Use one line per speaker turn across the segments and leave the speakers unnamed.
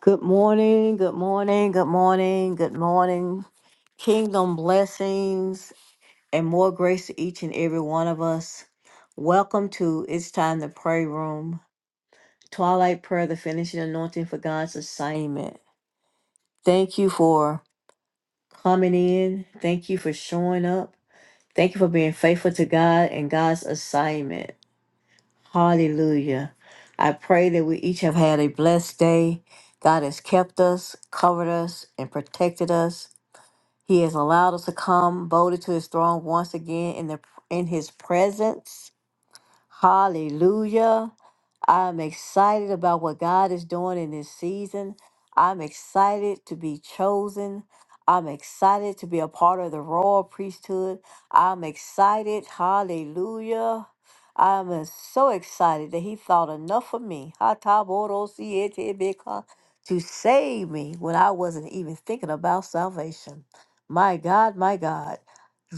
Good morning, good morning, good morning, good morning. Kingdom blessings and more grace to each and every one of us. Welcome to It's Time to Pray Room, Twilight Prayer, the finishing anointing for God's assignment. Thank you for coming in. Thank you for showing up. Thank you for being faithful to God and God's assignment. Hallelujah. I pray that we each have had a blessed day. God has kept us, covered us, and protected us. He has allowed us to come boldly to his throne once again in the in his presence. Hallelujah. I'm excited about what God is doing in this season. I'm excited to be chosen. I'm excited to be a part of the royal priesthood. I'm excited. Hallelujah. I'm uh, so excited that he thought enough of me Hatabodo-sietebeka, to save me when I wasn't even thinking about salvation. My God, my God.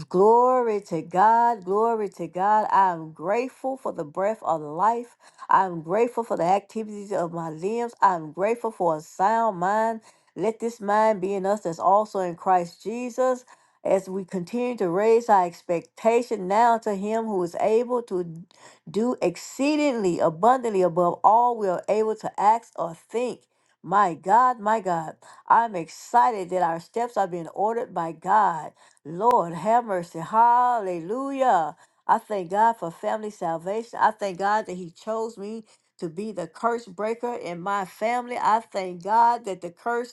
Glory to God. Glory to God. I'm grateful for the breath of life. I'm grateful for the activities of my limbs. I'm grateful for a sound mind. Let this mind be in us that's also in Christ Jesus. As we continue to raise our expectation now to Him who is able to do exceedingly abundantly above all we are able to ask or think. My God, my God, I'm excited that our steps are being ordered by God. Lord, have mercy. Hallelujah. I thank God for family salvation. I thank God that He chose me to be the curse breaker in my family. I thank God that the curse,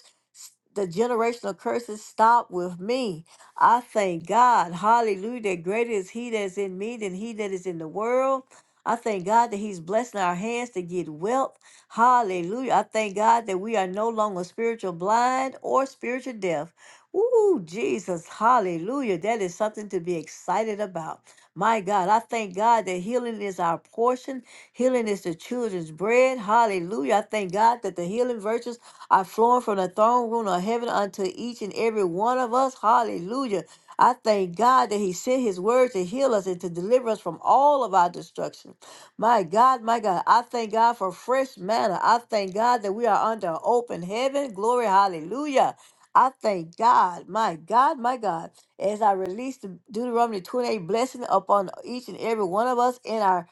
the generational curses stop with me. I thank God, hallelujah, that greater is He that is in me than He that is in the world. I thank God that He's blessing our hands to get wealth. Hallelujah. I thank God that we are no longer spiritual blind or spiritual deaf. Ooh, Jesus, hallelujah. That is something to be excited about. My God, I thank God that healing is our portion. Healing is the children's bread. Hallelujah. I thank God that the healing virtues are flowing from the throne room of heaven unto each and every one of us. Hallelujah. I thank God that He sent His word to heal us and to deliver us from all of our destruction. My God, my God, I thank God for fresh manna. I thank God that we are under open heaven. Glory, hallelujah. I thank God, my God, my God as I release the Deuteronomy 28 blessing upon each and every one of us in our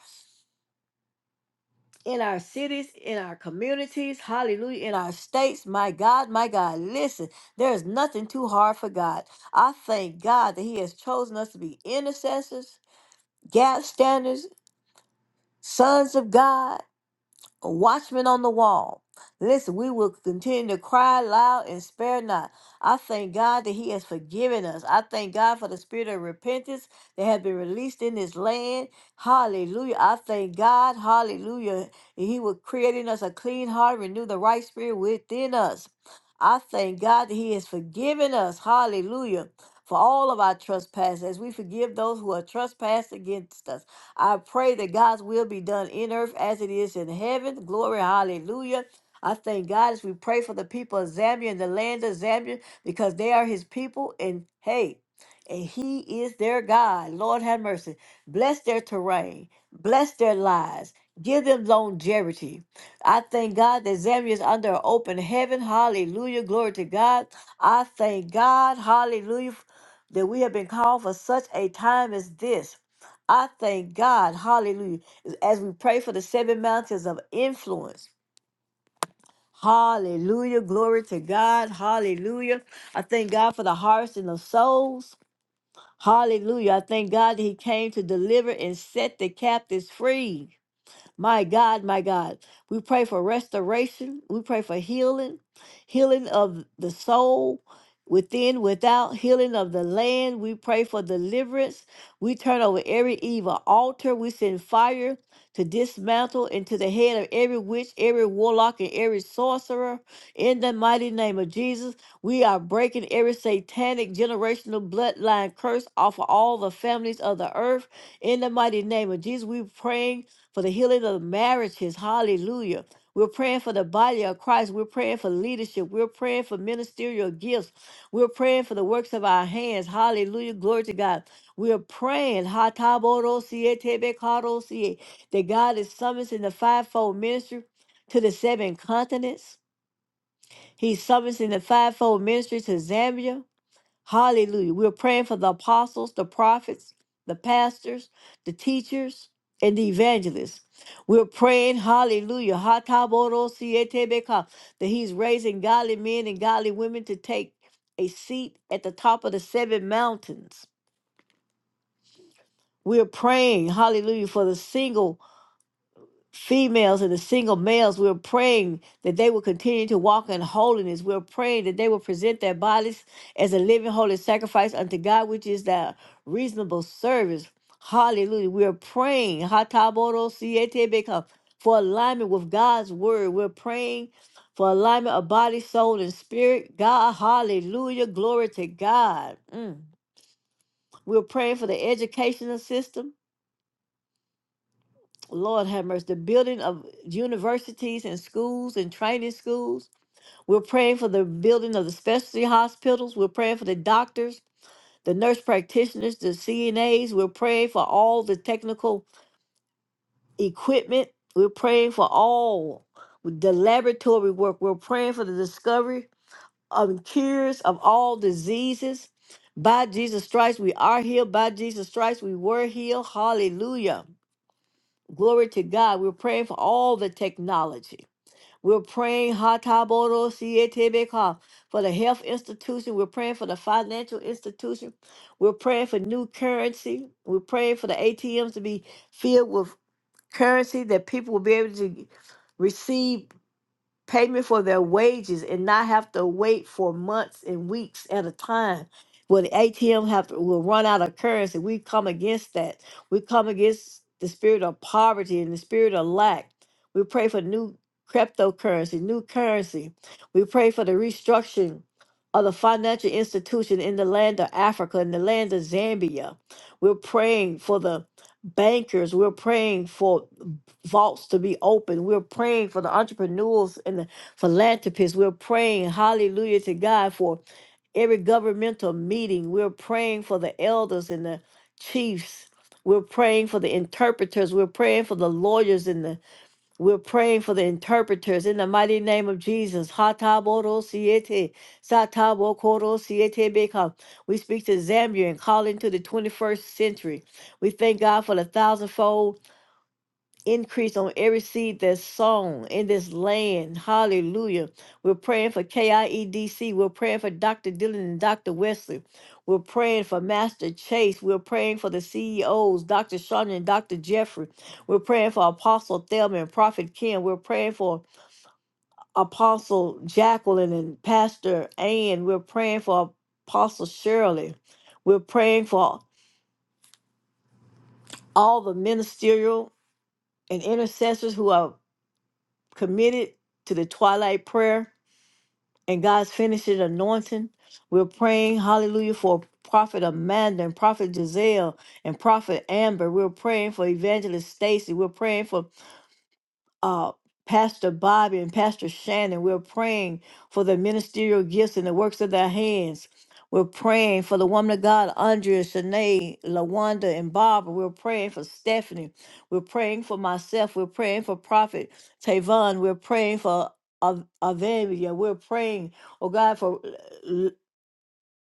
in our cities, in our communities, hallelujah, in our states. My God, my God, listen, there is nothing too hard for God. I thank God that He has chosen us to be intercessors, gap standers, sons of God. a watchman on the wall. Listen, we will continue to cry loud and spare not. I thank God that He has forgiven us. I thank God for the spirit of repentance that has been released in this land. Hallelujah. I thank God. Hallelujah. And He was creating us a clean heart, renew the right spirit within us. I thank God that He has forgiven us. Hallelujah. For all of our trespasses, as we forgive those who are trespassed against us. I pray that God's will be done in earth as it is in heaven. Glory, hallelujah. I thank God as we pray for the people of Zambia and the land of Zambia because they are his people and hey, and he is their God. Lord have mercy. Bless their terrain, bless their lives, give them longevity. I thank God that Zambia is under an open heaven. Hallelujah. Glory to God. I thank God. Hallelujah. That we have been called for such a time as this. I thank God, hallelujah, as we pray for the seven mountains of influence. Hallelujah. Glory to God. Hallelujah. I thank God for the harvesting of souls. Hallelujah. I thank God that He came to deliver and set the captives free. My God, my God. We pray for restoration. We pray for healing, healing of the soul, within, without, healing of the land. We pray for deliverance. We turn over every evil altar. We send fire to dismantle into the head of every witch, every warlock, and every sorcerer. In the mighty name of Jesus, we are breaking every satanic generational bloodline curse off of all the families of the earth. In the mighty name of Jesus, we praying for the healing of marriages. Hallelujah. We're praying for the body of Christ. We're praying for leadership. We're praying for ministerial gifts. We're praying for the works of our hands. Hallelujah. Glory to God. We are praying ha ta bo ro si e te be ka ro si e, that God is summoning the fivefold ministry to the seven continents. He's summoning the fivefold ministry to Zambia. Hallelujah. We're praying for the apostles, the prophets, the pastors, the teachers, and the evangelists. We're praying, hallelujah, hataborosietebeka, that he's raising godly men and godly women to take a seat at the top of the seven mountains. We're praying, hallelujah, for the single females and the single males, we're praying that they will continue to walk in holiness. We're praying that they will present their bodies as a living holy sacrifice unto God, which is their reasonable service. Hallelujah. We're praying Hataboro siete beka, for alignment with God's word. We're praying for alignment of body, soul, and spirit. God, hallelujah. Glory to God. Mm. We're praying for the educational system. Lord have mercy, the building of universities and schools and training schools. We're praying for the building of the specialty hospitals. We're praying for the doctors, the nurse practitioners, the CNAs. We're praying for all the technical equipment. We're praying for all the laboratory work. We're praying for the discovery of cures of all diseases. By Jesus Christ, we are healed. By Jesus Christ, we were healed. Hallelujah. Glory to God. We're praying for all the technology. We're praying Hataboro Sietebeka, for the health institution. We're praying for the financial institution. We're praying for new currency. We're praying for the ATMs to be filled with currency that people will be able to receive payment for their wages and not have to wait for months and weeks at a time where the ATM have to, will run out of currency. We come against that. We come against the spirit of poverty and the spirit of lack. We pray for new cryptocurrency, new currency. We pray for the restructuring of the financial institution in the land of Africa, in the land of Zambia. We're praying for the bankers. We're praying for vaults to be open. We're praying for the entrepreneurs and the philanthropists. We're praying, hallelujah to God, for every governmental meeting. We're praying for the elders and the chiefs. We're praying for the interpreters. We're praying for the lawyers and the we're praying for the interpreters in the mighty name of Jesus. Hatabodosiete, satabokorosietebeka. We speak to Zambia and call into the 21st century. We thank God for the thousandfold increase on every seed that's sown in this land. Hallelujah. We're praying for KIEDC. We're praying for Dr. Dillon and Dr. Wesley. We're praying for Master Chase. We're praying for the CEOs, Dr. Shonda and Dr. Jeffrey. We're praying for Apostle Thelma and Prophet Ken. We're praying for Apostle Jacqueline and Pastor Ann. We're praying for Apostle Shirley. We're praying for all the ministerial and intercessors who are committed to the twilight prayer and God's finishing anointing. We're praying, hallelujah, for Prophet Amanda and Prophet Giselle and Prophet Amber. We're praying for Evangelist Stacy. We're praying for uh, Pastor Bobby and Pastor Shannon. We're praying for the ministerial gifts and the works of their hands. We're praying for the woman of God, Andrea, Shanae, Lawanda, and Barbara. We're praying for Stephanie. We're praying for myself. We're praying for Prophet Tavon. We're praying for Av- Avivia. We're praying, oh God, for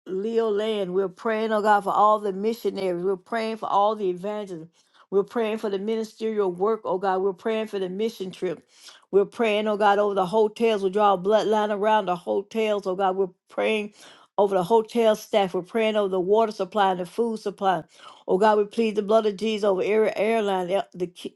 Leo Land. We're praying, oh God, for all the missionaries. We're praying for all the evangelists. We're praying for the ministerial work, oh God. We're praying for the mission trip. We're praying, oh God, over the hotels. We draw a bloodline around the hotels, oh God. We're praying over the hotel staff. We're praying over the water supply and the food supply. Oh God, we plead the blood of Jesus over every airline, the the ki-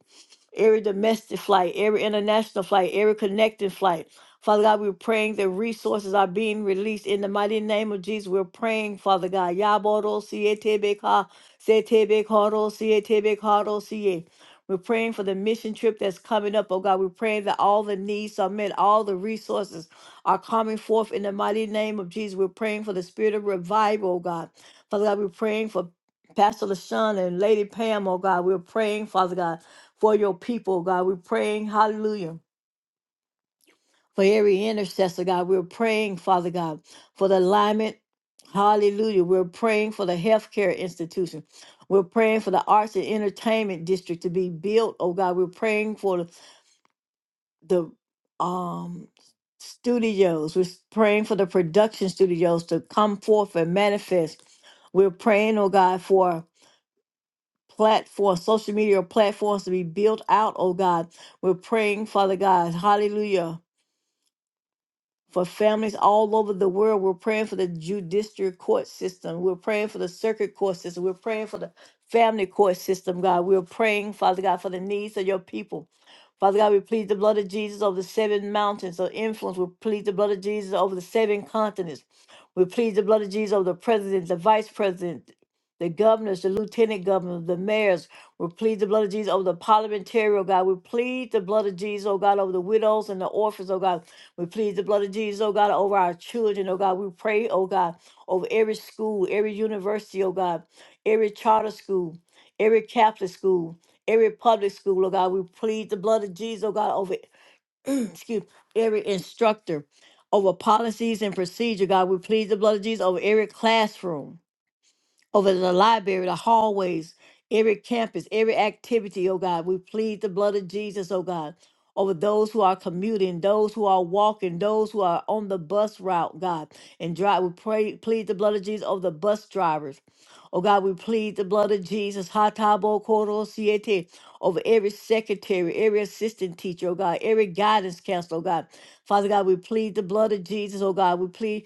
every domestic flight, every international flight, every connecting flight. Father God, we're praying that resources are being released in the mighty name of Jesus. We're praying, Father God. Yaboro sietebeka, setebekoro, sietebekoro, siye. We're praying for the mission trip that's coming up, oh God. We're praying that all the needs are met, all the resources are coming forth in the mighty name of Jesus. We're praying for the spirit of revival, oh God. Father God, we're praying for Pastor LaShawn and Lady Pam, oh God. We're praying, Father God, for your people, oh God. We're praying, hallelujah for every intercessor, God. We're praying, Father God, for the alignment. Hallelujah. We're praying for the healthcare institution. We're praying for the arts and entertainment district to be built, oh God. We're praying for the, the um studios. We're praying for the production studios to come forth and manifest. We're praying, oh God, for platforms, social media platforms to be built out, oh God. We're praying, Father God, hallelujah, for families all over the world. We're praying for the judicial court system. We're praying for the circuit court system. We're praying for the family court system, God. We're praying, Father God, for the needs of your people. Father God, we plead the blood of Jesus over the seven mountains of influence. We plead the blood of Jesus over the seven continents. We plead the blood of Jesus over the president, the vice president, the governors, the lieutenant governors, the mayors. We plead the blood of Jesus over the parliamentary, oh God. We plead the blood of Jesus, oh God, over the widows and the orphans, oh God. We plead the blood of Jesus, oh God, over our children, oh God. We pray, oh God, over every school, every university, oh God, every charter school, every Catholic school, every public school, oh God. We plead the blood of Jesus, oh God, over excuse every instructor, over policies and procedure, God. We plead the blood of Jesus over every classroom over the library, the hallways, every campus, every activity, oh God. We plead the blood of Jesus, oh God, over those who are commuting, those who are walking, those who are on the bus route, God, and drive. We pray, plead the blood of Jesus over the bus drivers. Oh God, we plead the blood of Jesus, Hatabo Koro Siete, over every secretary, every assistant teacher, oh God, every guidance counselor, oh God. Father God, we plead the blood of Jesus, oh God. We plead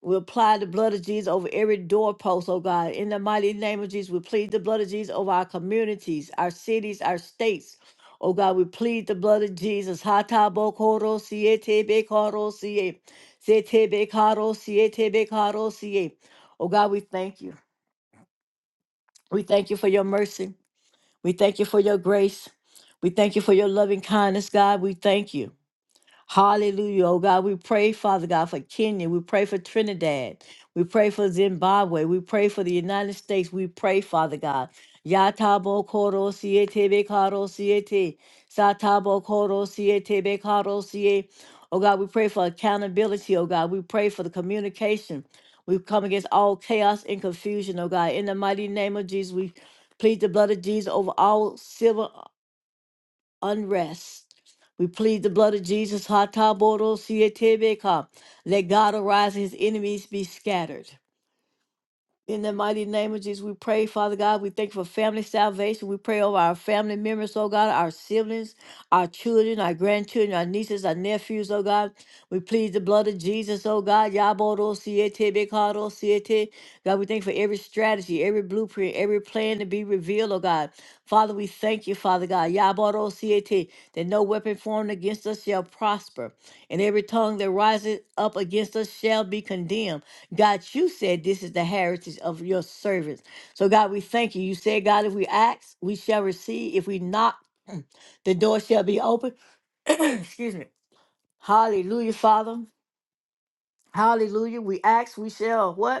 we apply the blood of Jesus over every doorpost, oh God. In the mighty name of Jesus, we plead the blood of Jesus over our communities, our cities, our states. Oh God, we plead the blood of Jesus. Hata bokoro siete bekaro siye. Sete bekaro siete bekaro siye. Oh God, we thank you. We thank you for your mercy. We thank you for your grace. We thank you for your loving kindness, God. We thank you. Hallelujah. Oh God, we pray, Father God, for Kenya. We pray for Trinidad. We pray for Zimbabwe. We pray for the United States. We pray, Father God. Yatabo koro siete bekaro siete. Satabo koro siete bekaro siete. Oh God, we pray for accountability. Oh God, we pray for the communication. We come against all chaos and confusion, oh God. In the mighty name of Jesus, we plead the blood of Jesus over all civil unrest. We plead the blood of Jesus. Hataboro sietebeka. Let God arise and his enemies be scattered. In the mighty name of Jesus, we pray, Father God, we thank you for family salvation. We pray over our family members, oh God, our siblings, our children, our grandchildren, our nieces, our nephews, oh God. We plead the blood of Jesus, oh God. Yabodo siete bekado siete. God, we thank you for every strategy, every blueprint, every plan to be revealed, oh God. Father, we thank you, Father God. Yabodo siete, that no weapon formed against us shall prosper, and every tongue that rises up against us shall be condemned. God, you said this is the heritage of your servants. So, God, we thank you. You said, God, if we ask, we shall receive. If we knock, the door shall be open. Excuse me. Hallelujah, Father. Hallelujah. We ask, we shall what?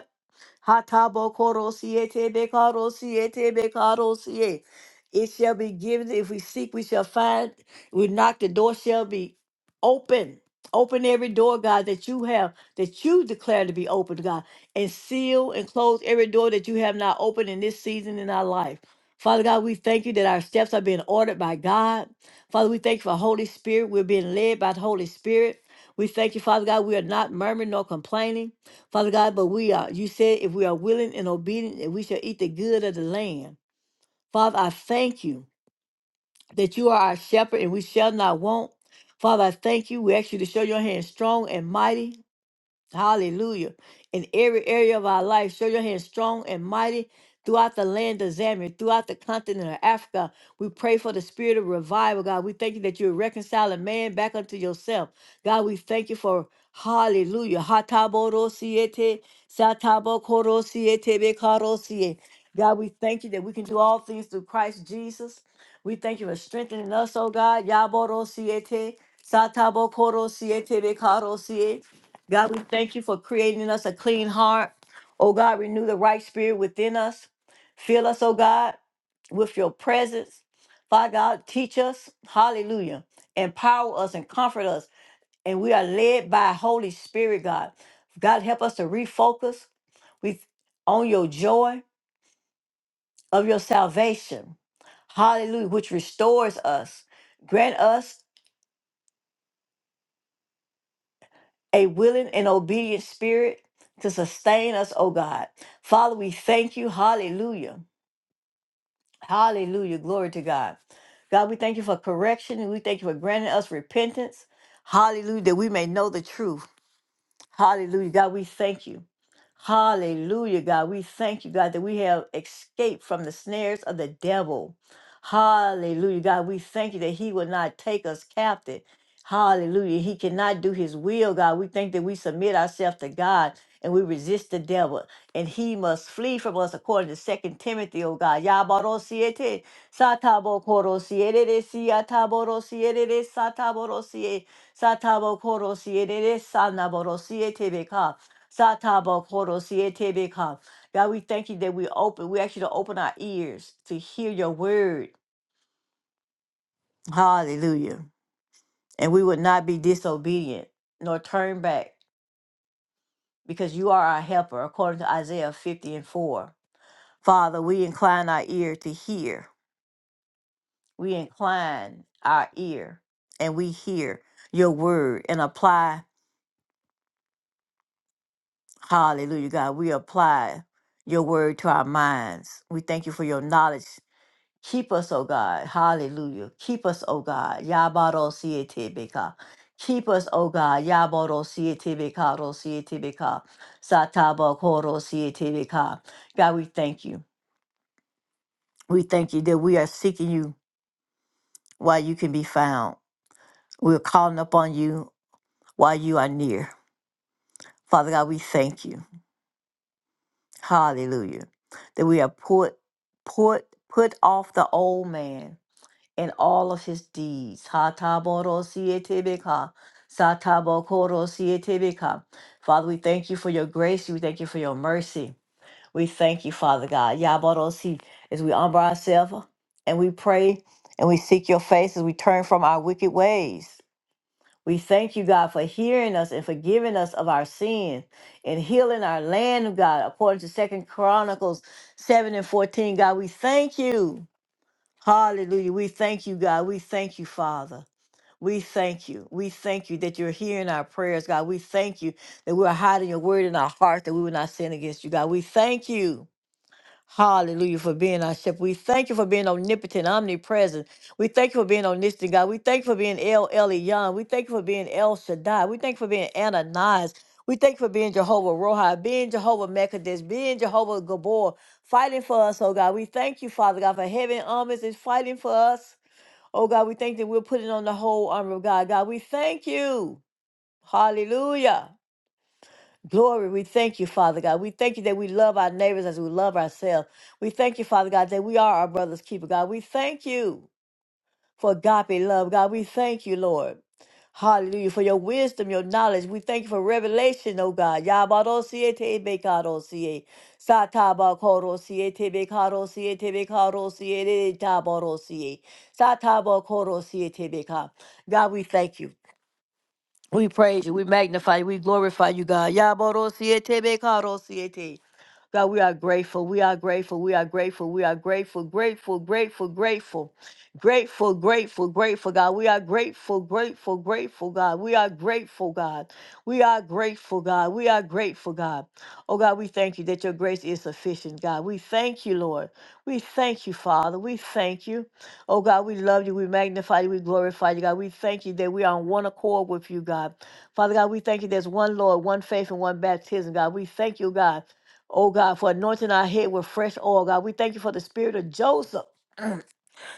Hatabokorosie tebekarosie tebekarosie. It shall be given. If we seek, we shall find. We knock, the door shall be open. Open every door, God, that you have, that you declare to be open, God, and seal and close every door that you have not opened in this season in our life. Father God, we thank you that our steps are being ordered by God. Father, we thank you for Holy Spirit. We're being led by the Holy Spirit. We thank you, Father God. We are not murmuring nor complaining. Father God, but we are, you said if we are willing and obedient, that we shall eat the good of the land. Father, I thank you that you are our shepherd and we shall not want. Father, I thank you. We ask you to show your hand strong and mighty. Hallelujah. In every area of our life, show your hand strong and mighty throughout the land of Zambia, throughout the continent of Africa. We pray for the spirit of revival, God. We thank you that you're reconciling man back unto yourself. God, we thank you for hallelujah. Hatabodosiete, satabokorosiete, bekarosie. God, we thank you that we can do all things through Christ Jesus. We thank you for strengthening us, oh God. Yaborosiete, satabokorosiete, bekarosie. God, we thank you for creating us a clean heart. Oh God, renew the right spirit within us. Fill us, oh God, with your presence. Father God, teach us. Hallelujah. Empower us and comfort us. And we are led by Holy Spirit, God. God, help us to refocus with on your joy of your salvation. Hallelujah, which restores us. Grant us a willing and obedient spirit to sustain us, oh God. Father, we thank you. Hallelujah. Hallelujah. Glory to God. God, we thank you for correction and we thank you for granting us repentance. Hallelujah. That we may know the truth. Hallelujah. God, we thank you. Hallelujah, God. We thank you, God, that we have escaped from the snares of the devil. Hallelujah, God. We thank you that he will not take us captive. Hallelujah. He cannot do his will, God. We think that we submit ourselves to God and we resist the devil, and he must flee from us according to Second Timothy, oh God. Yabarosiete, satabokorosiere, siataborosiere, sataborosiere, satabokorosiere, sanaborosiete, beka. Satabo Koro Sietebeka. God, we thank you that we open, we ask you to open our ears to hear your word. Hallelujah. And we would not be disobedient nor turn back because you are our helper, according to Isaiah 50 and 4. Father, we incline our ear to hear. We incline our ear and we hear your word and apply. Hallelujah, God. We apply your word to our minds. We thank you for your knowledge Keep us, O God. Hallelujah. Keep us, O God. Yabaro sietebeka. Keep us, O God. Yabaro sietebeka, ro sietebeka. Sataba koro sietebeka. God, we thank you. We thank you that we are seeking you while you can be found. We're calling upon you while you are near. Father God, we thank you. Hallelujah. That we are put, put, put off the old man in all of his deeds. Hataborosietebeka, satabokorosietebeka. Father, we thank you for your grace. We thank you for your mercy. We thank you, Father God. Yaborosi, as we humble ourselves and we pray and we seek your face as we turn from our wicked ways. We thank you, God, for hearing us and forgiving us of our sins and healing our land, God, according to Second Chronicles 7 and 14. God, we thank you. Hallelujah. We thank you, God. We thank you, Father. We thank you. We thank you that you're hearing our prayers, God. We thank you that we're hiding your word in our heart, that we will not sin against you, God. We thank you. Hallelujah for being our shepherd. We thank you for being omnipotent, omnipresent. We thank you for being omniscient, God. We thank you for being El Elyon. We thank you for being El Shaddai. We thank you for being Ananias. We thank you for being Jehovah Rohi, being Jehovah Mekadesh, being Jehovah Gabor, fighting for us, oh God. We thank you, Father God, for heaven armies is fighting for us. Oh God, we thank that we're putting on the whole armor of God. God, we thank you. Hallelujah. Glory, we thank you, Father God. We thank you that we love our neighbors as we love ourselves. We thank you, Father God, that we are our brother's keeper, God. We thank you for agape love, God. We thank you, Lord. Hallelujah. For your wisdom, your knowledge. We thank you for revelation, oh God. Yabarosie tebekarosie. Satabakosie tebekarosie tebekarosie tabarosie. Satabakosie tebeka. God, we thank you. We praise you. We magnify you. We glorify you, God. Yabarosiete bekaro siete. God, we are grateful. We are grateful. We are grateful. We are grateful, grateful, grateful, grateful, grateful, grateful, grateful, God. We are grateful, grateful, grateful, God. We are grateful, God. We are grateful, God. We are grateful, God. Oh, God, we thank you that your grace is sufficient, God. We thank you, Lord. We thank you, Father. We thank you. Oh, God, we love you. We magnify you. We glorify you, God. We thank you that we are on one accord with you, God. Father God, we thank you there's one Lord, one faith, and one baptism, God. We thank you, God Oh God, for anointing our head with fresh oil, God. We thank you for the spirit of Joseph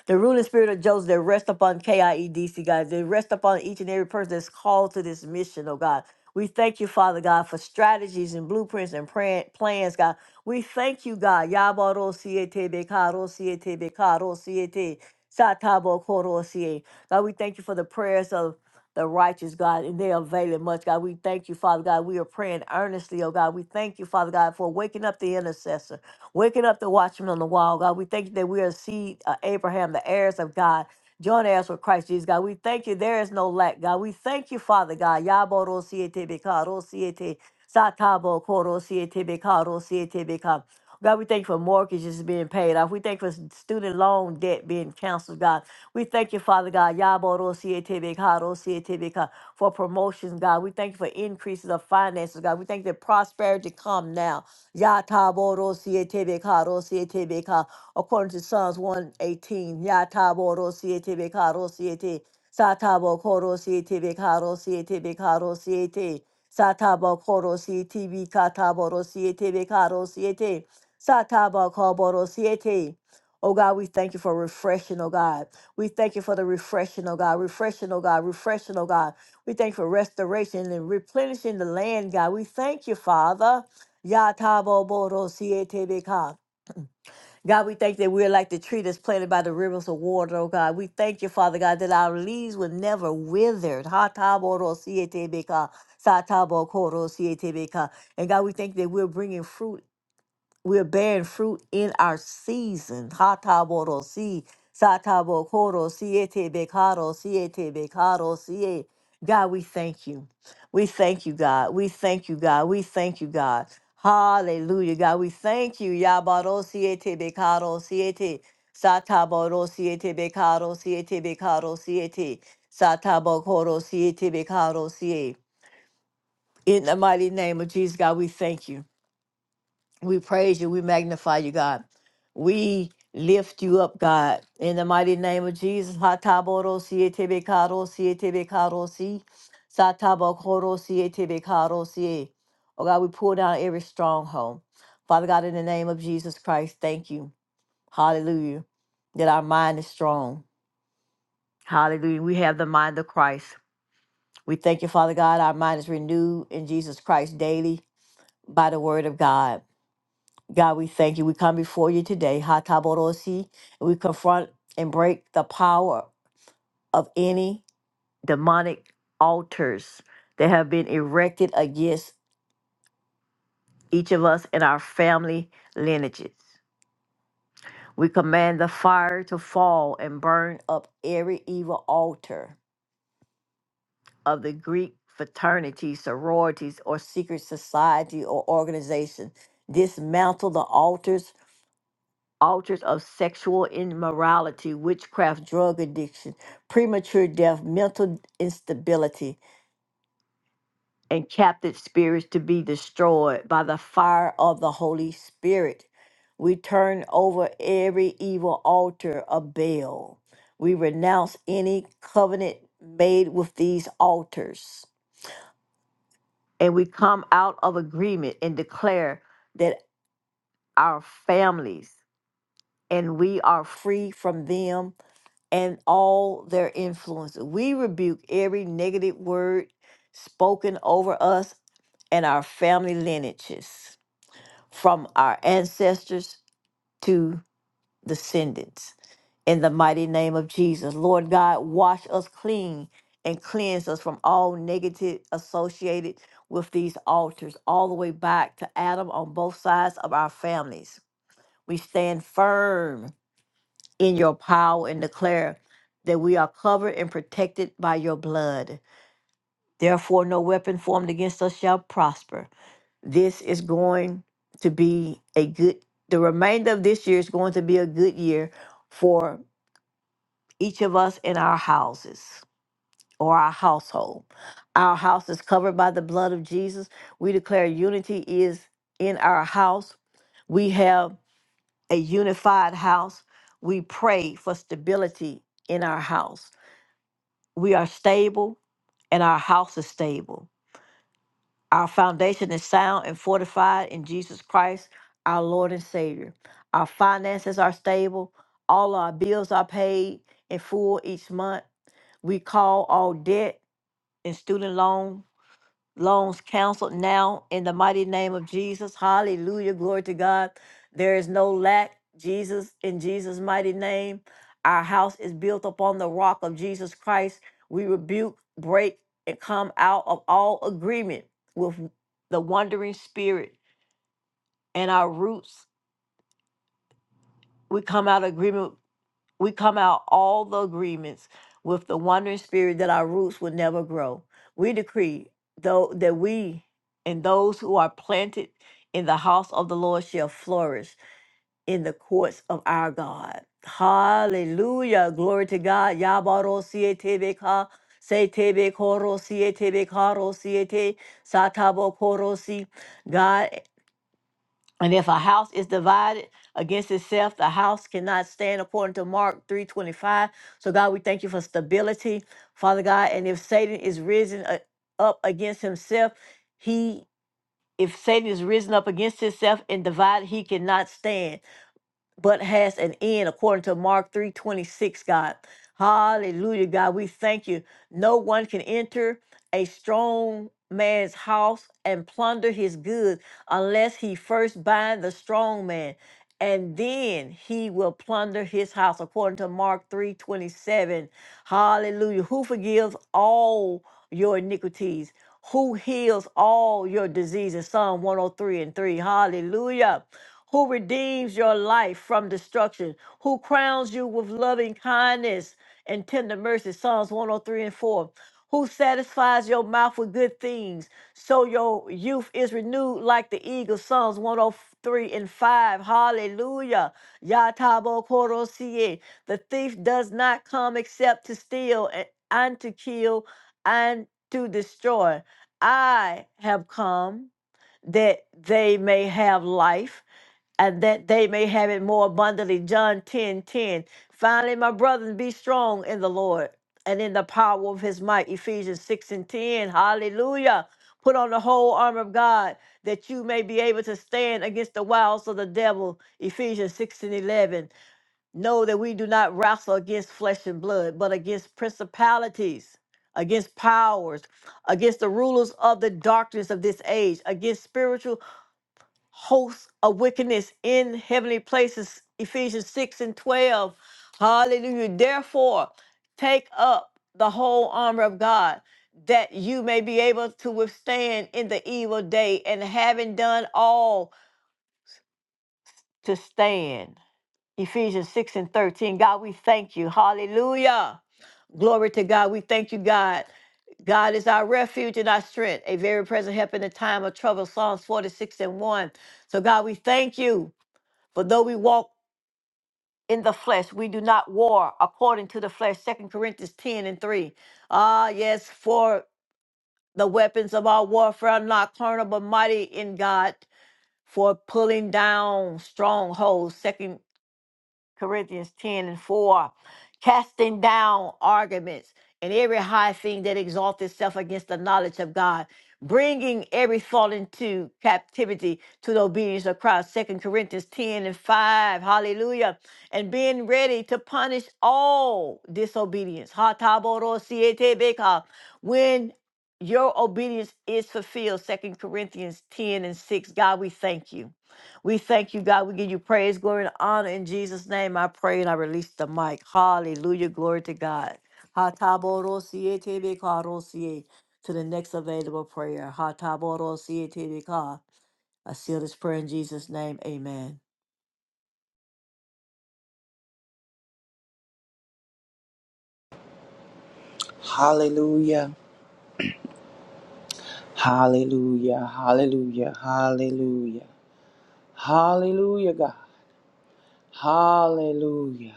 the ruling spirit of Joseph that rest upon KIEDC, God, that rest upon each and every person that's called to this mission, oh God. We thank you, Father God, for strategies and blueprints and pran- plans, God. We thank you, God. Yabaro siete bekaro siete bekaro siete satabo koro siete. God, we thank you for the prayers of the righteous, God, and they availing much, God. We thank you, Father God. We are praying earnestly, oh God. We thank you, Father God, for waking up the intercessor. Waking up the watchman on the wall, God. We thank you that we are seed uh, Abraham, the heirs of God. Join heirs with Christ Jesus, God. We thank you. There is no lack, God. We thank you, Father God. Yabo siete bekaro siete satabo koro siete bekaro siete bekaro. God, we thank you for mortgages being paid off. We thank you for s- student loan debt being canceled, God. We thank you, Father God, Yaboro siete bekaro siete beka, for promotions, God. We thank you for increases of finances, God. We thank you that prosperity come now. Yataboro sietebeka ro sietebeka. According to Psalms 118, Yataboro sietebeka ro siete. Satabo koro sietebeka ro sietebeka ro siete. Satabo koro sietebeka taboro sietebeka ro siete. Satabo koboro siete. Oh God, we thank you for refreshing, oh God. We thank you for the refreshing, oh God, refreshing, oh God, refreshing, oh God. We thank you for restoration and replenishing the land, God. We thank you, Father. Yatabo Boro Sietebeka. God, we thank that we're like the tree that's planted by the rivers of water, oh God. We thank you, Father God, that our leaves were never withered. Hatabo Ro Sietebeka. Satabo Koro Sietebeka. And God, we thank that we're bringing fruit we're bearing fruit in our season. Hataborosi, satabokorosi, etebekarosi, etebekarosi, eh. God, we thank you. We thank you, God. We thank you, God. We thank you, God. Hallelujah, God. We thank you. Yabarosi, etebekarosi, ete. Sataborosi, etebekarosi, etebekarosi, ete. Satabokorosi, etebekarosi, eh. In the mighty name of Jesus, God, we thank you. We praise you. We magnify you, God. We lift you up, God. In the mighty name of Jesus. Hataboro, Hatabodosi etebekarosi etebekarosi, satabokorosi etebekarosi. Oh God, we pull down every stronghold. Father God, in the name of Jesus Christ, thank you. Hallelujah. That our mind is strong. Hallelujah. We have the mind of Christ. We thank you, Father God. Our mind is renewed in Jesus Christ daily by the word of God. God, we thank you. We come before you today, Hataborosi. We confront and break the power of any demonic altars that have been erected against each of us and our family lineages. We command the fire to fall and burn up every evil altar of the Greek fraternity, sororities, or secret society or organization. Dismantle the altars altars of sexual immorality, witchcraft, drug addiction, premature death, mental instability, and captive spirits to be destroyed by the fire of the Holy Spirit. We turn over every evil altar of Baal. We renounce any covenant made with these altars. And we come out of agreement and declare that our families and we are free from them and all their influences. We rebuke every negative word spoken over us and our family lineages, from our ancestors to descendants. In the mighty name of Jesus, Lord God, wash us clean and cleanse us from all negative associated with these altars, all the way back to Adam on both sides of our families. We stand firm in your power and declare that we are covered and protected by your blood. Therefore, no weapon formed against us shall prosper. This is going to be a good, the remainder of this year is going to be a good year for each of us in our houses or our household. Our house is covered by the blood of Jesus. We declare unity is in our house. We have a unified house. We pray for stability in our house. We are stable and our house is stable. Our foundation is sound and fortified in Jesus Christ, our Lord and Savior. Our finances are stable. All our bills are paid in full each month. We call all debt and student loans loans canceled now in the mighty name of Jesus. Hallelujah. Glory to God. There is no lack. Jesus, in Jesus' mighty name, our house is built upon the rock of Jesus Christ. We rebuke, break, and come out of all agreement with the wandering spirit and our roots. We come out of agreement We come out all the agreements with the wandering spirit that our roots will never grow. We decree though that we and those who are planted in the house of the Lord shall flourish in the courts of our God. Hallelujah. Glory to God. Yabaro siete ka siete koro siete karo siete satabo koro si. And if a house is divided against itself, the house cannot stand according to Mark 325. So God, we thank you for stability, Father God. And if Satan is risen uh, up against himself, he if Satan is risen up against himself and divided, he cannot stand but has an end according to Mark 3:26, God. Hallelujah, God. We thank you. No one can enter a strong man's house and plunder his goods unless he first bind the strong man and then he will plunder his house according to mark 3:27 hallelujah who forgives all your iniquities who heals all your diseases psalm 103 and 3 hallelujah who redeems your life from destruction who crowns you with loving kindness and tender mercy psalms 103 and 4 who satisfies your mouth with good things, so your youth is renewed like the eagle. Psalms 103 and 5. Hallelujah. Yatabo Korosie. The thief does not come except to steal and, and to kill and to destroy. I have come that they may have life and that they may have it more abundantly. John 10 10. Finally, my brothers, be strong in the Lord and in the power of his might. Ephesians 6 and 10. Hallelujah. Put on the whole armor of God that you may be able to stand against the wiles of the devil. Ephesians 6 and 11. Know that we do not wrestle against flesh and blood, but against principalities, against powers, against the rulers of the darkness of this age, against spiritual hosts of wickedness in heavenly places. Ephesians 6 and 12. Hallelujah. Therefore, take up the whole armor of God that you may be able to withstand in the evil day and having done all to stand. Ephesians 6 and 13. God, we thank you. Hallelujah. Glory to God. We thank you, God. God is our refuge and our strength, a very present help in the time of trouble. Psalms 46 and 1. So, God, we thank you. For though we walk in the flesh, we do not war according to the flesh. Second Corinthians 10 and 3. Ah, yes, for the weapons of our warfare are not carnal, but mighty in God for pulling down strongholds. Second. Corinthians 10 and 4, casting down arguments and every high thing that exalts itself against the knowledge of God, bringing every thought into captivity to the obedience of Christ. 2 Corinthians 10 and 5, hallelujah. And being ready to punish all disobedience. Ha ta bo ro si e te be ka. When your obedience is fulfilled, Second Corinthians 10 and 6, God, we thank you. We thank you, God. We give you praise, glory, and honor. In Jesus' name, I pray and I release the mic. Hallelujah. Glory to God. Hatabodosie tebekarosie. To the next available prayer. Hatabodosie tebeka. I seal this prayer in Jesus' name. Amen.
Hallelujah. Hallelujah. Hallelujah. Hallelujah. Hallelujah, God. Hallelujah.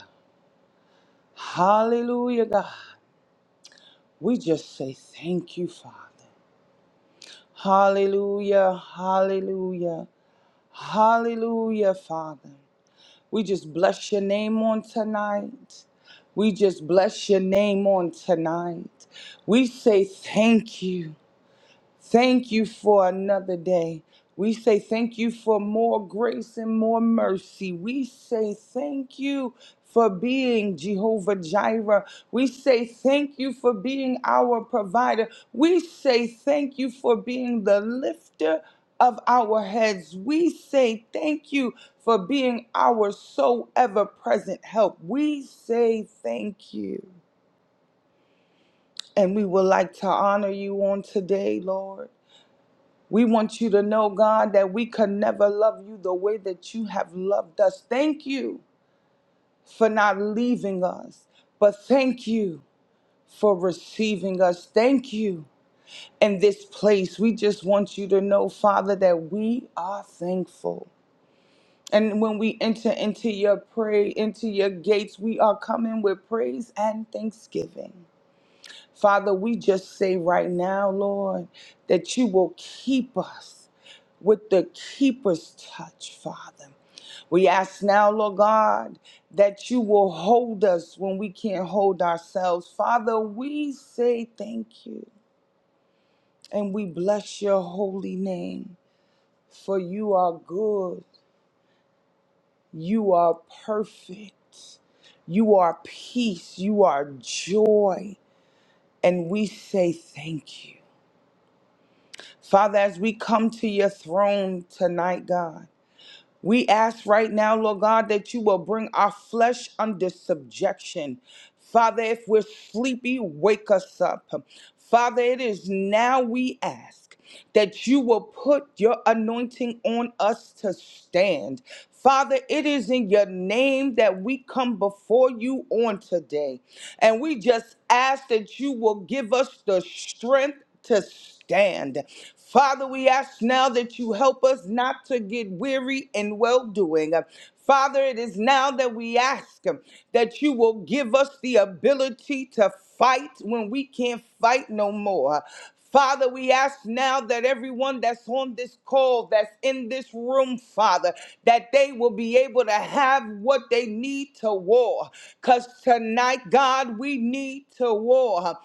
Hallelujah, God. We just say thank you, Father. Hallelujah. Hallelujah. Hallelujah, Father. We just bless your name on tonight. We just bless your name on tonight. We say thank you. Thank you for another day. We say thank you for more grace and more mercy. We say thank you for being Jehovah Jireh. We say thank you for being our provider. We say thank you for being the lifter of our heads. We say thank you for being our so ever present help. We say thank you. And we would like to honor you on today, Lord. We want you to know, God, that we could never love you the way that you have loved us. Thank you for not leaving us, but thank you for receiving us. Thank you in this place. We just want you to know, Father, that we are thankful. And when we enter into your pray, into your gates, we are coming with praise and thanksgiving. Father, we just say right now, Lord, that you will keep us with the keeper's touch, Father. We ask now, Lord God, that you will hold us when we can't hold ourselves. Father, we say thank you and we bless your holy name, for you are good, you are perfect, you are peace, you are joy, and we say thank you. Father, as we come to your throne tonight, God, we ask right now, Lord God, that you will bring our flesh under subjection. Father, if we're sleepy, wake us up. Father, it is now we ask that you will put your anointing on us to stand. Father, it is in your name that we come before you on today. And we just ask that you will give us the strength to stand. Father, we ask now that you help us not to get weary in well doing. Father, it is now that we ask um, that you will give us the ability to fight when we can't fight no more. Father, we ask now that everyone that's on this call, that's in this room, Father, that they will be able to have what they need to war. Because tonight, God, we need to war.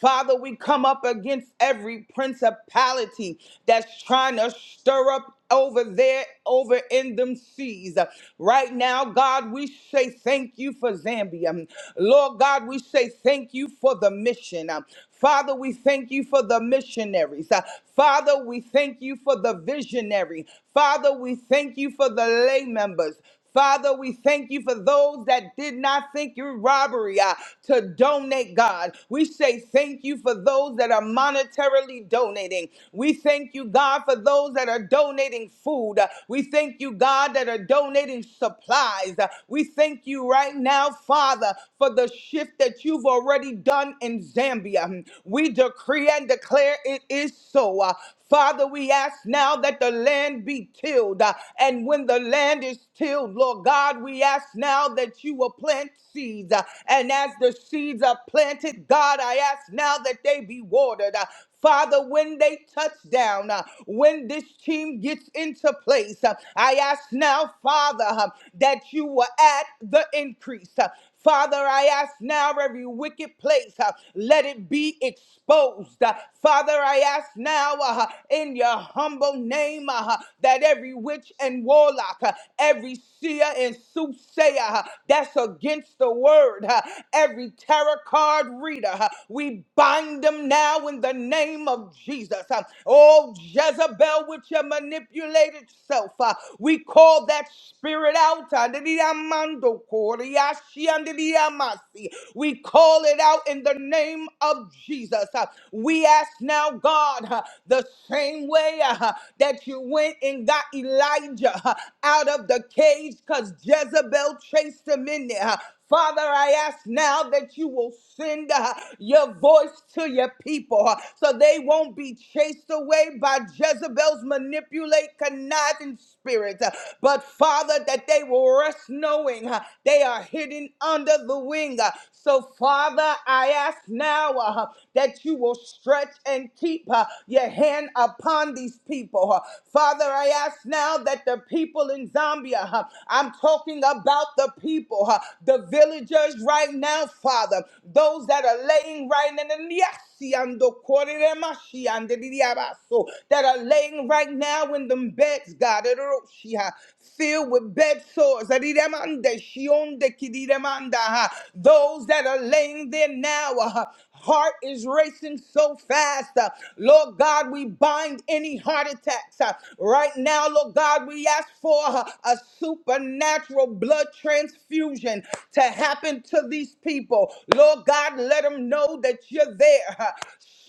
Father, we come up against every principality that's trying to stir up over there, over in them seas. Right now, God, we say thank you for Zambia. Lord God, we say thank you for the mission. Father, we thank you for the missionaries. Father, we thank you for the visionary. Father, we thank you for the lay members. Father, we thank you for those that did not think your robbery uh, to donate, God. We say thank you for those that are monetarily donating. We thank you, God, for those that are donating food. Uh, We thank you, God, that are donating supplies. Uh, We thank you right now, Father, for the shift that you've already done in Zambia. We decree and declare it is so. Uh, Father, we ask now that the land be tilled. uh, And when the land is tilled, Lord God, we ask now that you will plant seeds. uh, And as the seeds are planted, God, I ask now that they be watered. uh, Father, when they touch down, uh, when this team gets into place, uh, I ask now, Father, uh, that you will add the increase. Uh, Father, I ask now every wicked place, uh, let it be exposed. Uh, Father, I ask now uh, in your humble name uh, that every witch and warlock, uh, every seer and soothsayer uh, that's against the word, uh, every tarot card reader, uh, we bind them now in the name of Jesus. Uh, oh, Jezebel, with your manipulated self, uh, we call that spirit out. Uh, Yamasi. We call it out in the name of Jesus. Uh, We ask now, God, uh, the same way uh, that you went and got Elijah uh, out of the cage because Jezebel chased him in there. uh, Father, I ask now that you will send uh, your voice to your people uh, so they won't be chased away by Jezebel's manipulate, conniving spirit. uh, But Father, that they will rest knowing uh, they are hidden under the wing. uh, So, Father, I ask now uh, that you will stretch and keep uh, your hand upon these people. uh. Father, I ask now that the people in Zambia, uh, I'm talking about the people, uh, the villagers right now, Father, those that are laying right in the yes, Siando Koreremashi and diabaso that are laying right now in them beds, God, Eroshiha, filled with bed sores. Adiremande, Shionde Kidiremanda, ha. Those that are laying there now, uh, heart is racing so fast. uh, Lord God, we bind any heart attacks. uh, Right now, Lord God, we ask for uh, a supernatural blood transfusion to happen to these people. Lord God, let them know that you're there prayer.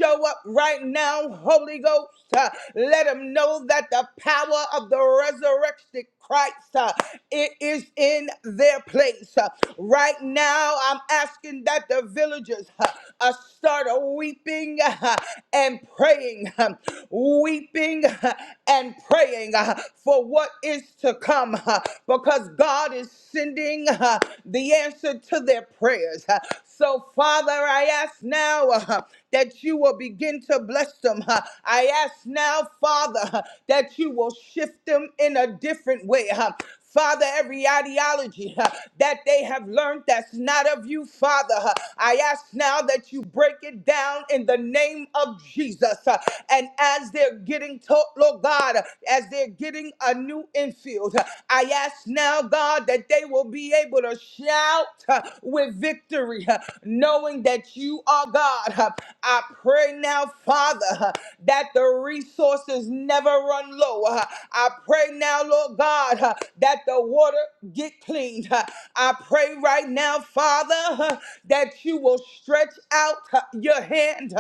Show up right now, Holy Ghost. Uh, Let them know that the power of the resurrected Christ uh, it is in their place. Uh, Right now, I'm asking that the villagers uh, uh, start weeping uh, and praying, uh, weeping uh, and praying uh, for what is to come uh, because God is sending uh, the answer to their prayers. Uh, So, Father, I ask now. uh, huh, that you will begin to bless them. huh. I ask now, Father, huh, that you will shift them in a different way. huh. Father, every ideology huh, that they have learned that's not of you, Father, huh, I ask now that you break it down in the name of Jesus. huh. And as they're getting taught, Lord God, uh, as they're getting a new infield, huh, I ask now, God, that they will be able to shout huh, with victory, huh, knowing that you are God. uh, I pray now, Father, that the resources never run low. I pray now, Lord God, that the water get cleaned. I pray right now, Father, that you will stretch out your hand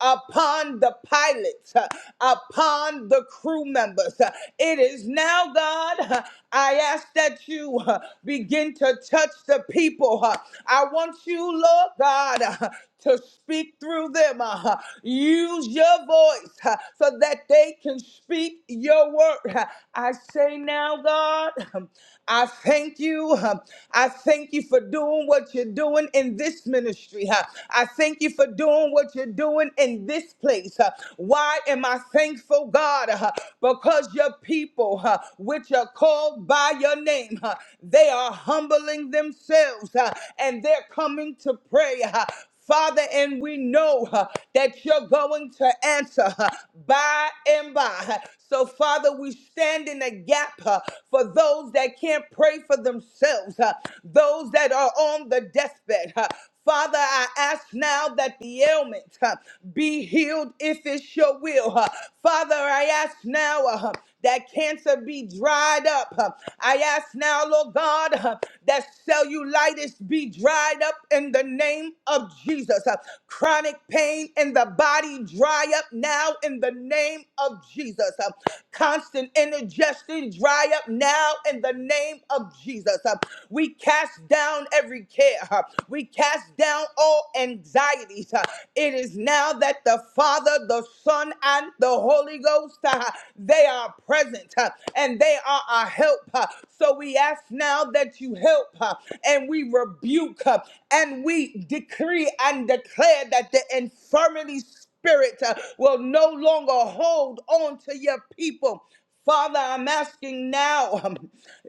upon the pilots, upon the crew members. It is now, God, I ask that you begin to touch the people. I want you, Lord God, to speak speak through them. uh, Use your voice uh, so that they can speak your word. Uh, I say now, God, um, I thank you. um, I thank you for doing what you're doing in this ministry. uh, I thank you for doing what you're doing in this place. uh, Why am I thankful, God? Uh, Because your people, uh, which are called by your name, uh, they are humbling themselves uh, and they're coming to pray. uh, Father, and we know uh, that you're going to answer uh, by and by. So, Father, we stand in the gap uh, for those that can't pray for themselves, uh, those that are on the deathbed. uh. Father, I ask now that the ailment uh, be healed if it's your will. uh. Father, I ask now. uh, that cancer be dried up. Uh, I ask now, Lord God, uh, that cellulitis be dried up in the name of Jesus. Uh, Chronic pain in the body dry up now in the name of Jesus. Uh, Constant indigestion dry up now in the name of Jesus. Uh, We cast down every care. Uh, We cast down all anxieties. Uh, It is now that the Father, the Son, and the Holy Holy Ghost, uh, they are present uh, and they are our help. uh. So we ask now that you help uh, and we rebuke uh, and we decree and declare that the infirmity spirit uh, will no longer hold on to your people. Father, I'm asking now um,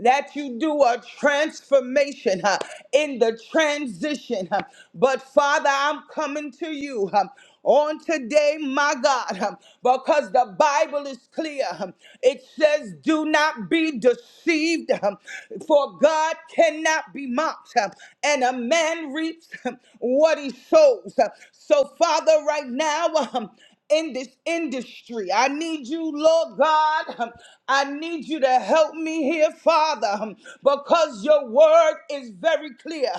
that you do a transformation uh, in the transition. uh, but Father, I'm coming to you um, on today, my God, um, because the Bible is clear. um, it says, Do not be deceived, um, for God cannot be mocked, um, and a man reaps um, what he sows. Uh, So, Father, right now, um, in this industry. I need you, Lord God. I need you to help me here, Father, because your word is very clear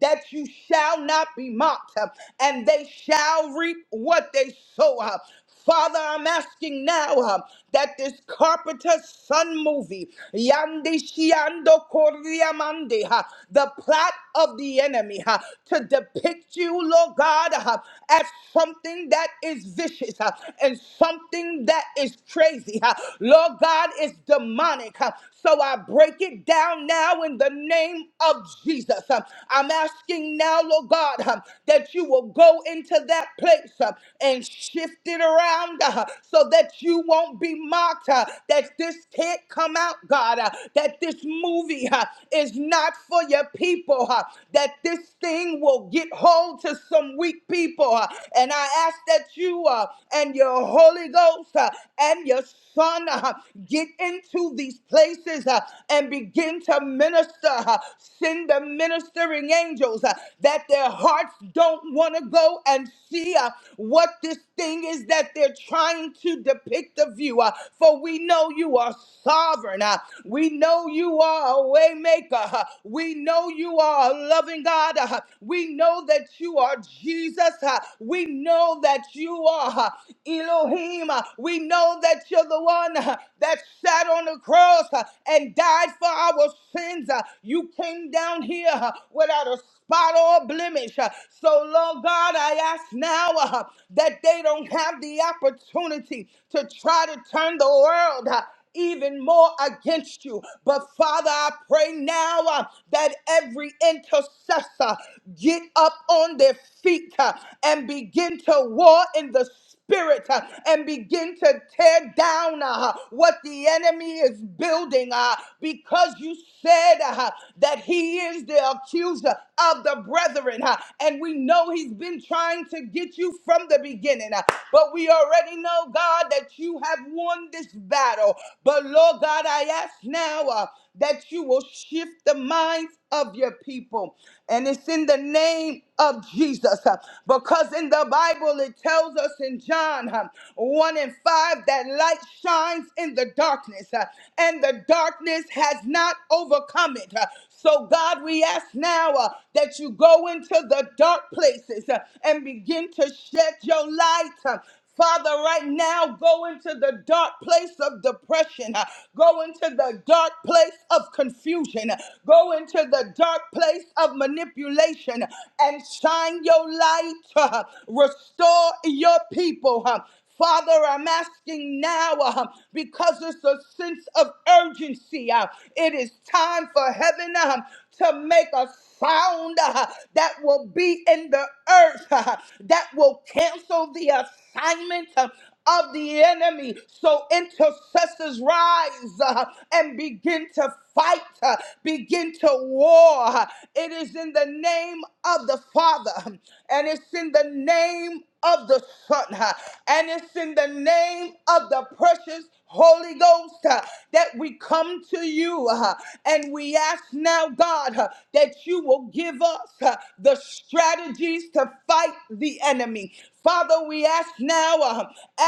that you shall not be mocked and they shall reap what they sow. Father, I'm asking now uh, that this Carpenter Son movie, Yandi Shiando Kordiamande, uh, the plot of the enemy, uh, to depict you, Lord God, uh, as something that is vicious uh, and something that is crazy. uh, Lord God, is demonic. uh, So I break it down now in the name of Jesus. Uh, I'm asking now, Lord God, uh, that you will go into that place place uh, and shift it around uh, so that you won't be mocked, uh, that this can't come out, God, uh, that this movie uh, is not for your people, uh, that this thing will get hold to some weak people. uh, and I ask that you uh, and your Holy Ghost uh, and your Son uh, get into these places uh, and begin to minister. uh, send the ministering angels uh, that their hearts don't want to go and see uh, what this thing is that they're trying to depict of you. uh, for we know you are sovereign. uh, we know you are a way maker. uh, we know you are a loving God. uh, we know that you are Jesus. uh, we know that you are uh, Elohim. uh, we know that you're the one uh, that sat on the cross uh, and died for our sins. uh, you came down here uh, without a spot or blemish. Uh, So, Lord God, I ask now uh, that they don't have the opportunity to try to turn the world. uh, even more against you. But Father, I pray now uh, that every intercessor get up on their feet uh, and begin to war in the spirit uh, and begin to tear down uh, what the enemy is building uh, because you said uh, that he is the accuser of the brethren. uh, and we know he's been trying to get you from the beginning. uh, but we already know, God, that you have won this battle. But Lord God, I ask now uh, that you will shift the minds of your people. And it's in the name of Jesus. uh, Because in the Bible, it tells tells us in John um, 1 and 5 that light shines in the darkness, uh, and the darkness has not overcome it. Uh, So, God, we ask now uh, that you go into the dark places uh, and begin to shed your light. uh, Father, right now, go into the dark place of depression. uh, Go into the dark place of confusion. uh, Go into the dark place of manipulation uh, and shine your light. uh, Restore your people. uh, Father, I'm asking now uh, because it's a sense of urgency. uh, it is time for heaven. uh, to make a sound uh, that will be in the earth, uh, that will cancel the assignment uh, of the enemy. So intercessors rise uh, and begin to fight, uh, begin to war. It is in the name of the Father, and it's in the name of the Son, huh, and it's in the name of the precious Holy Ghost huh, that we come to you huh, and we ask now, God, huh, that you will give us huh, the strategies to fight the enemy. Father, we ask now, uh,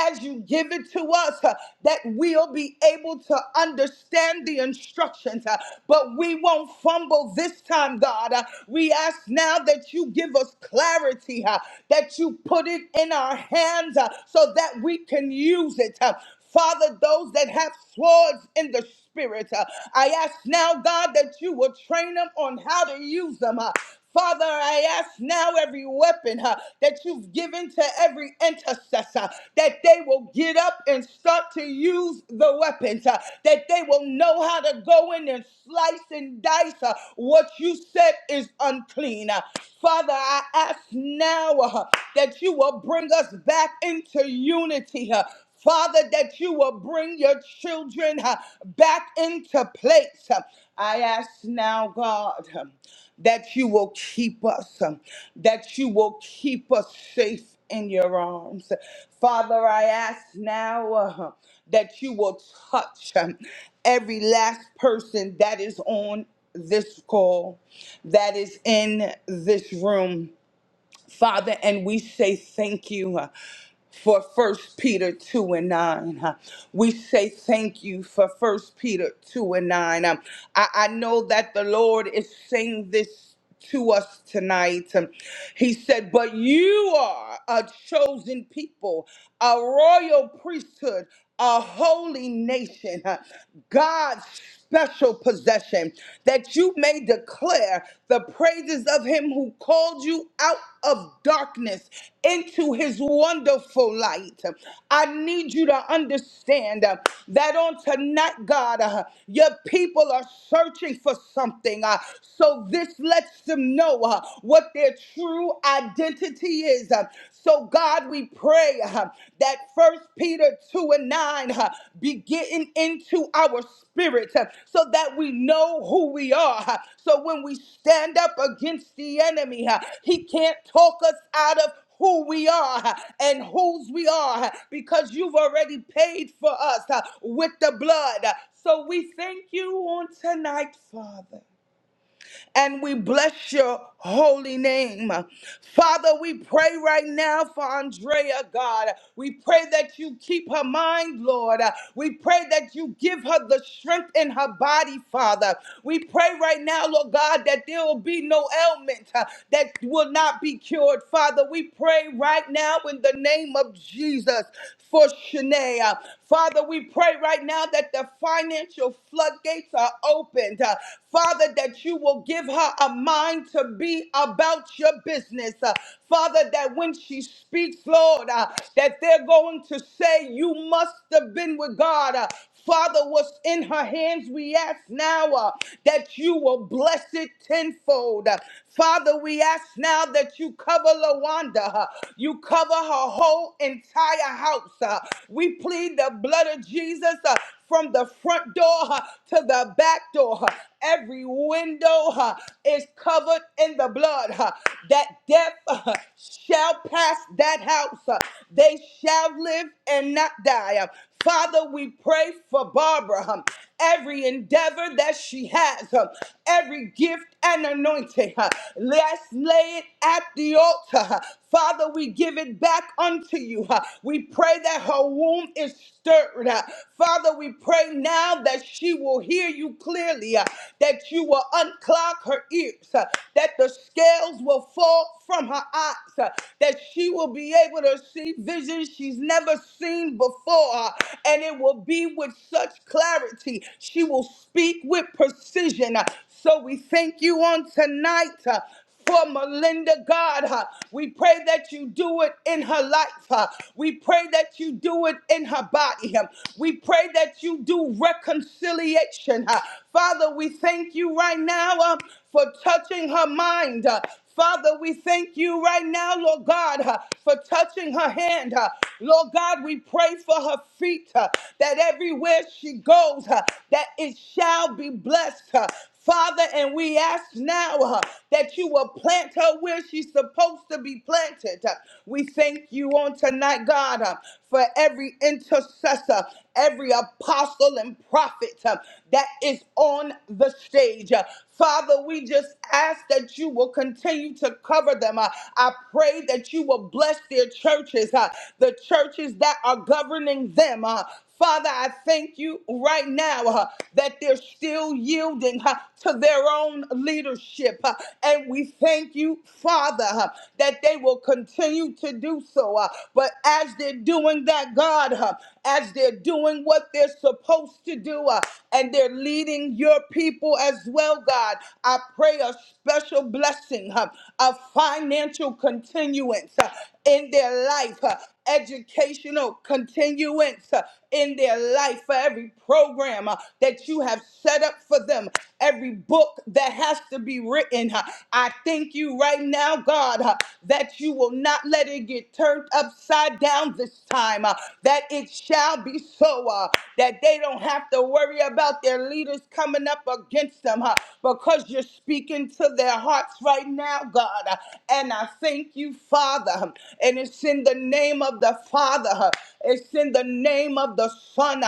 as you give it to us, uh, that we'll be able to understand the instructions, uh, but we won't fumble this time, God. Uh, we ask now that you give us clarity, uh, that you put it in our hands uh, so that we can use it. uh, Father, those that have swords in the spirit, uh, I ask now, God, that you will train them on how to use them. uh, Father, I ask now every weapon huh, that you've given to every intercessor, that they will get up and start to use the weapons, huh, that they will know how to go in and slice and dice huh, what you said is unclean. huh. Father, I ask now huh, that you will bring us back into unity. huh, Father, that you will bring your children uh, back into place. huh. I ask now, God. huh, that you will keep us, um, that you will keep us safe in your arms. Father, I ask now uh, that you will touch um, every last person that is on this call, that is in this room. Father, and we say thank you. uh, for First Peter 2 and 9. huh. We say thank you for First Peter 2 and 9. Um, I, I know that the Lord is saying this to us tonight. Um, he said, But you are a chosen people, a royal priesthood, a holy nation, huh, God's special possession, that you may declare the praises of him who called you out of darkness into his wonderful light. I need you to understand uh, that on tonight, God, uh, your people are searching for something. uh, so this lets them know uh, what their true identity is. Uh, so, God, we pray uh, that First Peter 2 and 9 uh, be getting into our spirit uh, so that we know who we are. uh, So, when we stand up against the enemy, uh, he can't talk us out of who we are uh, and whose we are uh, because you've already paid for us uh, with the blood. So we thank you on tonight, Father and we bless your holy name. Father, we pray right now for Andrea, God. We pray that you keep her mind, Lord. We pray that you give her the strength in her body, Father. We pray right now, Lord God, that there will be no ailment uh, that will not be cured, Father. We pray right now in the name of Jesus for Shanae. Father, we pray right now that the financial flood floodgates are opened. Uh, Father, that you will give her a mind to be about your business. Uh, Father, that when she speaks, Lord, uh, that they're going to say, You must have been with God. Uh, Father, what's in her hands, we ask now uh, that you will bless it tenfold. Uh, Father, we ask now that you cover Lawanda, uh, you cover her whole entire house. uh, we plead the blood of Jesus. uh, from the front door huh, to the back door. huh. Every window huh, is covered in the blood. huh. That death huh, shall pass that house. huh. They shall live and not die. huh. Father, we pray for Barbara. huh every endeavor that she has, uh, every gift and anointing. uh, Let's lay it at the altar. uh, Father, we give it back unto you. uh, We pray that her womb is stirred. uh, Father, we pray now that she will hear you clearly, uh, that you will unclog her ears, uh, that the scales will fall from her eyes, uh, that she will be able to see visions she's never seen before, uh, and it will be be with such clarity. She will speak with precision. So we thank you on tonight. uh, for Melinda, God. huh? We pray that you do it in her life. huh? We pray that you do it in her body. huh? We pray that you do reconciliation. huh? Father, we thank you right now uh, for touching her mind. uh, Father, we thank you right now, Lord God, uh, for touching her hand. uh. Lord God, we pray for her feet uh, that everywhere she goes, uh, that it shall be blessed. uh. Father, and we ask now uh, that you will plant her where she's supposed to be planted. Uh, We thank you on tonight, God, uh, for every intercessor, every apostle and prophet uh, that is on the stage. Uh, Father, we just ask that you will continue continue to cover them. Uh, I pray that you will bless their churches, uh, the churches that are governing them. Uh, Father, I thank you right now uh, that they're still yielding uh, to their own leadership. uh, and we thank you, Father, uh, that they will continue to do so. uh, but as they're doing that, God, uh, as they're doing what they're supposed to do, uh, and they're leading your people as well, God, I pray a special blessing blessing uh, of financial continuance uh, in their life, uh, educational continuance uh, in their life, for every program uh, that you have set up for them, every book that has to be written. uh, I thank you right now, God, uh, that you will not let it get turned upside down this time, uh, that it shall be so, uh, that they don't have to worry about their leaders coming up against them, huh? because you're speaking to their hearts right right now, God. And I thank you, Father. And it's in the name of the Father. It's in the name of the Son.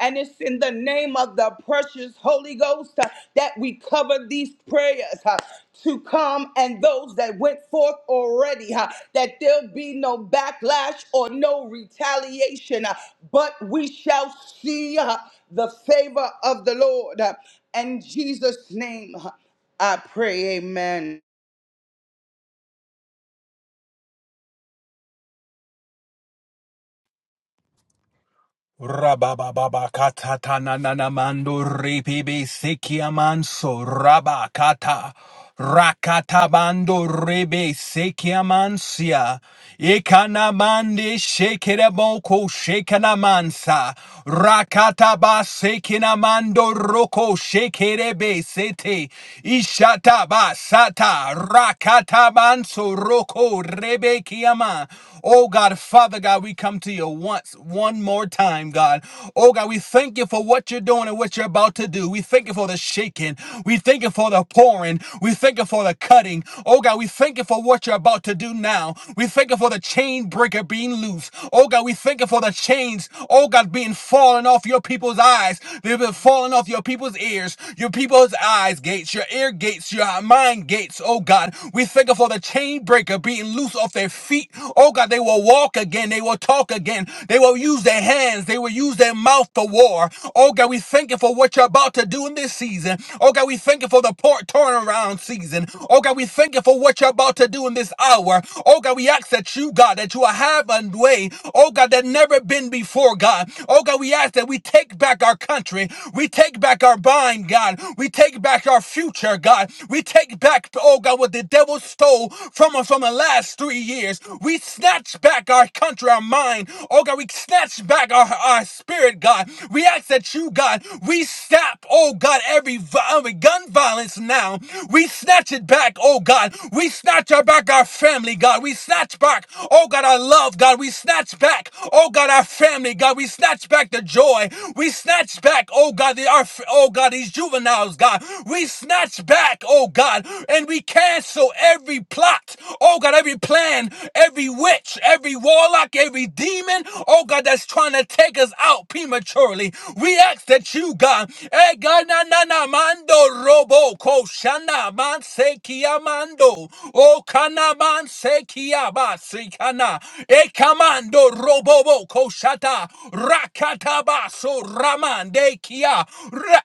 And it's in the name of the precious Holy Ghost uh, that we cover these prayers uh, to come and those that went forth already, huh, that there'll be no backlash or no retaliation, huh, but we shall see huh, the favor of the Lord. huh. In Jesus' name, huh, I pray, amen.
Rabababakata nananamando ripibi sikiamanso rabakata rakatabando ribi sikiamansia ikanamandi shikireboko shikanamansa rakataba sikinamando roko shikirebe sete ishataba sata rakatabanso roko rebekiama Oh God, Father God, we come to you once, one more time, God. Oh God, we thank you for what you're doing and what you're about to do. We thank you for the shaking. We thank you for the pouring. We thank you for the cutting. Oh God, we thank you for what you're about to do now. We thank you for the chain breaker being loose. Oh God, we thank you for the chains, oh God, being falling off your people's eyes. They've been falling off your people's ears, your people's eyes gates, your ear gates, your mind gates, oh God. We thank you for the chain breaker breaker being loose off their feet. Oh God, they will walk again. They will talk again. They will use their hands. They will use their mouth for war. Oh God, we thank you for what you're about to do in this season. Oh God, we thank you for the port turnaround season. Oh God, we thank you for what you're about to do in this hour. Oh God, we ask that you, God, that you will have a way. Oh God, that never been before, God. Oh God, we ask that we take back our country. We take back our bind, God. We take back our future, God. We take back, oh oh God, what the devil stole from us from the last three years. We snatch back our country, our mind. Oh God, we snatch back our, our spirit, God. We ask that you, God, we stop, oh God, every, every gun violence now. We snatch it back, oh God. We snatch our back our family, God. We snatch back, oh God, our love, God. We snatch back, oh God, our family, God. We snatch back the joy. We snatch back, oh God, the, our, oh God, these juveniles, God. We snatch back, oh God, and we cancel every plot, oh God, every plan, every witch, every warlock, every demon, oh God, that's trying to take us out prematurely. We ask that you, God, eh, God, na na na mando robo ko shana man se kia mando, oh kana man se kia si kana, e kamando robo ko shata rakata baso ramande kia Ra-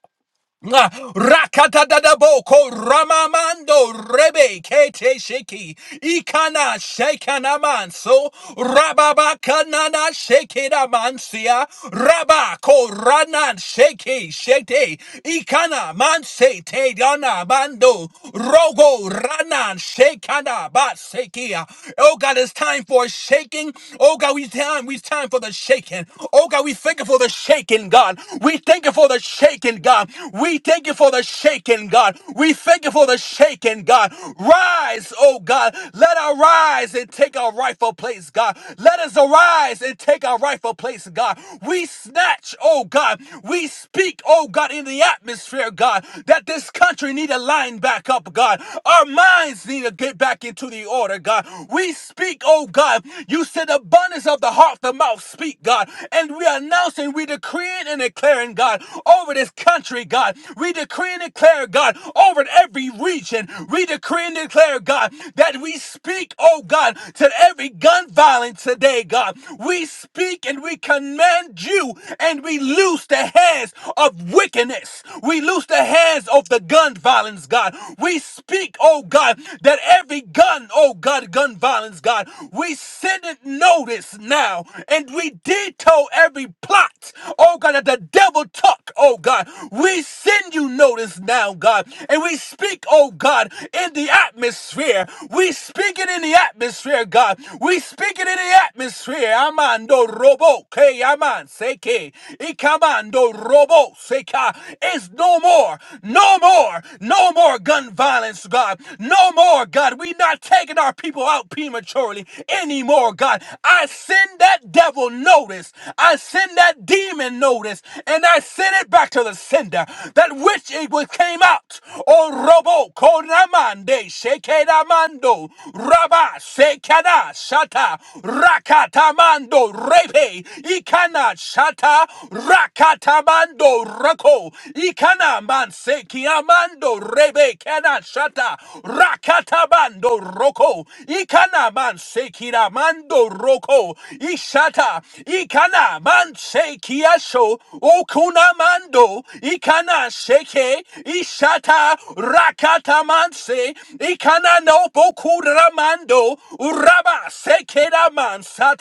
Ah, Rakatadadaboko Ramamando Rebe Kete Sheki Ikana Shekanamanso Rababakanana Shekinamansia Rabako Ranan Sheki Shete Ikana Manse Te Dana Mando Rogo Ranan Shekana Batsekia Oh God, it's time for a shaking. Oh God, we time we time for the shaking. Oh God, we thank you for the shaking, God. We thank you for the shaking, God. God. We thank you for the shaking, God. We thank you for the shaking, God. Rise, oh God. Let us rise and take our rightful place, God. Let us arise and take our rightful place, God. We snatch, oh God. We speak, oh God, in the atmosphere, God, that this country need to line back up, God. Our minds need to get back into the order, God. We speak, oh God. You said abundance of the heart, the mouth speak, God. And we announce and we decree and declaring, God over this country, God. We decree and declare, God, over every region. We decree and declare, God, that we speak, oh God, to every gun violence today, God. We speak and we command you and we loose the hands of wickedness. We loose the hands of the gun violence, God. We speak, oh God, that every gun, oh God, gun violence, God, we send it notice now and we detail every plot, oh God, that the devil double tuck, oh God. We send you notice now, God, and we speak, oh God, in the atmosphere. We speak it in the atmosphere, God. We speak it in the atmosphere. Amando robo, que aman seke, ikamando robo seka. It's no more, no more, no more gun violence, God. No more, God. We not taking our people out prematurely anymore, God. I send that devil notice. I send that demon notice notice, and I sent it back to the sender, that which it was came out. O robo konamande shekedamando raba sekada shata rakatamando repe ikana shata rakatamando rako ikana mansekiamando rebe kana shata rakatabando roko ikana mansekiramando roko ishata ikana mansekiramando kiasho okunamando ikana sheke ishata rakatamanse ikana no bokuramando uraba sekeramansa.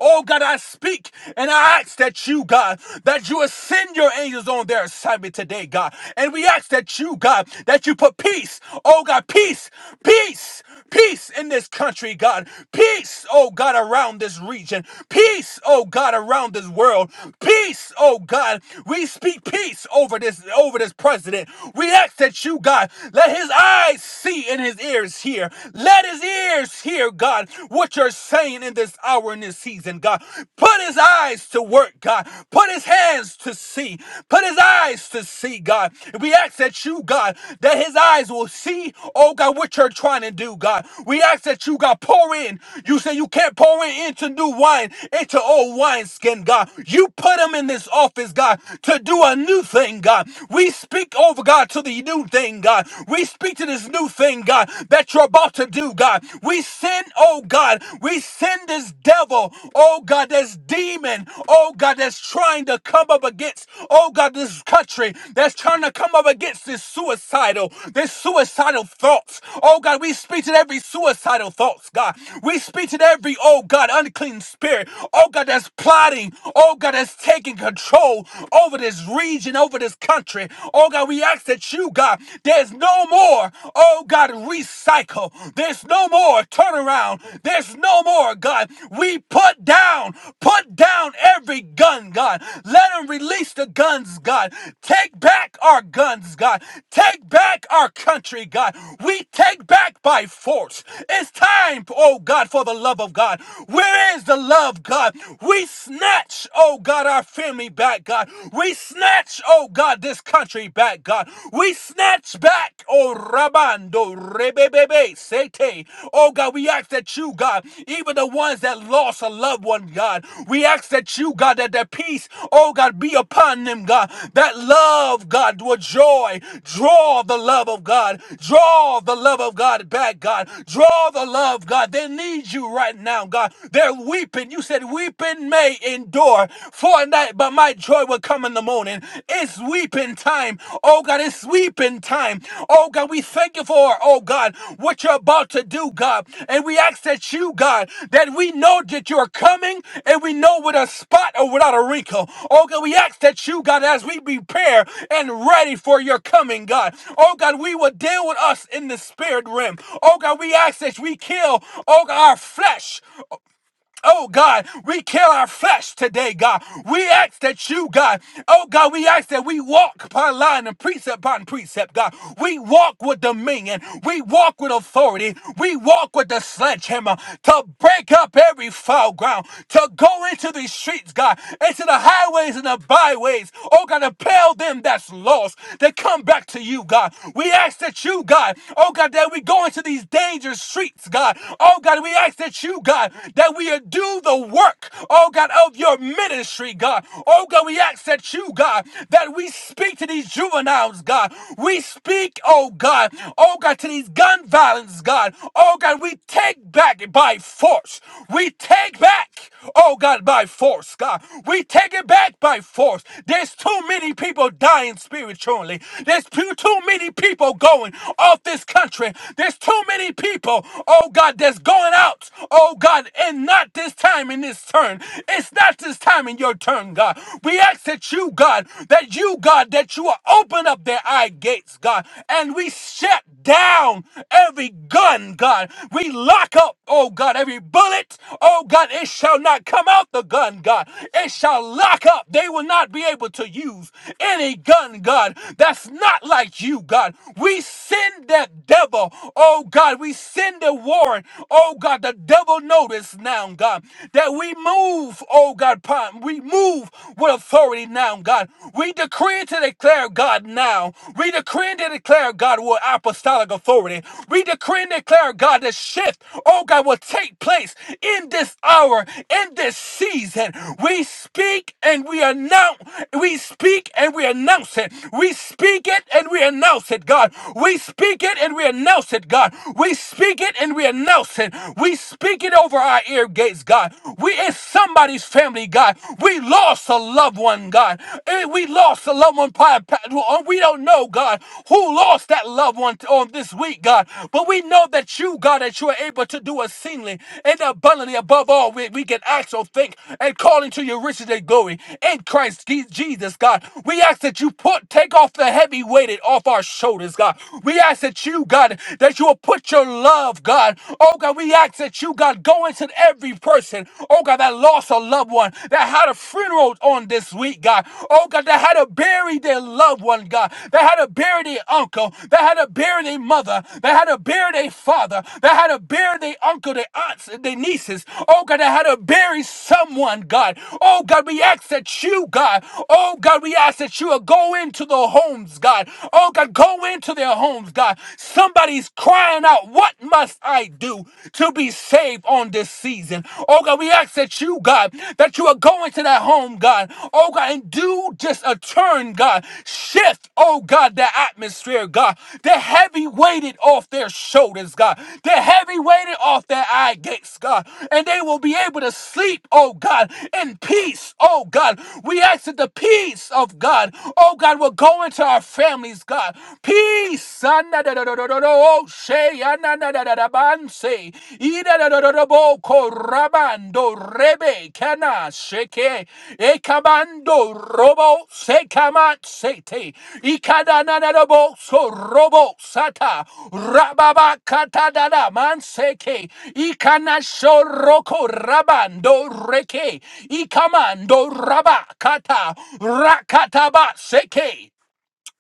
Oh God, I speak and I ask that you, God, that you ascend your angels on their assignment today, God. And we ask that you, God, that you put peace. Oh God, peace, peace, peace in this country, God. Peace, oh God, around this region. Peace, oh God, around this world world. Peace, oh God. We speak peace over this over this president. We ask that you, God, let his eyes see and his ears hear. Let his ears hear, God, what you're saying in this hour in this season, God. Put his eyes to work, God. Put his hands to see. Put his eyes to see, God. And we ask that you, God, that his eyes will see, oh God, what you're trying to do, God. We ask that you, God, pour in. You say you can't pour in into new wine, into old wine wineskin, God. You put him in this office, God, to do a new thing, God. We speak over, God, to the new thing, God. We speak to this new thing, God, that you're about to do, God. We send, oh God, we send this devil, oh God, this demon, oh God, that's trying to come up against, oh God, this country, that's trying to come up against this suicidal, this suicidal thoughts. Oh God, we speak to every suicidal thoughts, God. We speak to every, oh God, unclean spirit. oh God, that's plotting, oh God, that's taking control over this region, over this country. Oh God, we ask that you, God, there's no more, oh God, recycle. There's no more turnaround. There's no more, God. We put down, put down every gun, God. Let them release the guns, God. Take back our guns, God. Take back our country, God. We take back by force. It's time, oh God, for the love of God. Where is the love? love, God. We snatch, oh God, our family back, God. We snatch, oh God, this country back, God. We snatch back, oh Rabando, Rebebebe, Sete. Oh God, we ask that you, God, even the ones that lost a loved one, God, we ask that you, God, that the peace, oh God, be upon them, God. That love, God, with joy, draw the love of God, draw the love of God back, God. Draw the love, God. They need you right now, God. They're there weeping. You said, Weeping may endure for a night, but my joy will come in the morning. It's weeping time. Oh God, it's weeping time. Oh God, we thank you for, oh God, what you're about to do, God. And we ask that you, God, that we know that you're coming and we know without a spot or without a wrinkle. Oh God, we ask that you, God, as we prepare and ready for your coming, God. Oh God, we will deal with us in the spirit realm. Oh God, we ask that we kill, oh God, our flesh. Oh God, we kill our flesh today, God. We ask that you, God, oh God, we ask that we walk upon line and precept upon precept, God. We walk with dominion. We walk with authority. We walk with the sledgehammer to break up every foul ground, to go into these streets, God, into the highways and the byways. Oh God, to pale them that's lost, to come back to you, God. We ask that you, God, oh God, that we go into these dangerous streets, God. Oh God, we ask that you, God, that we do the work, oh God, of your ministry, God. Oh God, we ask that you, God, that we speak to these juveniles, God. We speak, oh God, oh God, to these gun violence, God. Oh God, we take back by force. We take back, oh God, by force, God. We take it back by force. There's too many people dying spiritually. There's too, too many people going off this country. There's too many people, oh God, that's going going out, oh God, and not this time in this turn. It's not this time in your turn, God. We ask that you, God, that you, God, that you will open up their eye gates, God, and we shut down every gun, God. We lock up, oh God, every bullet, oh God, it shall not come out the gun, God. It shall lock up. They will not be able to use any gun, God, that's not like you, God. We send send that devil. Oh God, we send the warrant. Oh God, the devil notice now, God, that we move, oh God, upon- we move with authority now, God. We decree and to declare, God, now. We decree and to declare, God, with apostolic authority. We decree and declare, God, the shift, oh God, will take place in this hour, in this season. We speak and we announce, we speak and we announce it. We speak it and we announce it, God. We speak it and we announce it, God. We speak it and we announce it. We speak it over our ear gates, God. We in somebody's family, God. We lost a loved one, God. Eh, We lost a loved one. pa- pa- uh, We don't know, God, who lost that loved one on this week, God. But we know that you, God, that you are able to do exceedingly and abundantly above all we, we can ask or think and call into your riches and glory in Christ Je- Jesus, God. We ask that you put take off the heavy weighted off our shoulders shoulders, God. We ask that you, God, that you will put your love, God. Oh, God, we ask that you, God, go into every person, oh, God, that lost a loved one, that had a funeral on this week, God. Oh, God, that had to bury their loved one, God. That had to bury their uncle, that had to bury their mother, that had to bury their father, that had to bury their uncle, their aunts, and their nieces. Oh, God, that had to bury someone, God. Oh, God, we ask that you, God, oh, God, we ask that you will go into the homes, God. Oh God, go into their homes, God. Somebody's crying out, What must I do to be saved on this season? Oh God, we ask that you, God, that you are going to that home, God. Oh God, and do just a turn, God. Shift, oh God, the atmosphere, God. The heavy weighted off their shoulders, God. The heavy weighted off their eye gates, God. And they will be able to sleep, oh God, in peace, oh God. We ask that the peace of God, oh God, will go into our our families, God. Peace. Anadadadadadadoshe, anadadadadabanse, idadadadadabo, korabando, rebe, kana, sheke, ekabando, robo, sekamatsete, ikadanadadabo, so robo, sata, rababa, katadada, manseke, ikanashoroko, rabando, reke, ikamando, rabakata, rakataba, seke,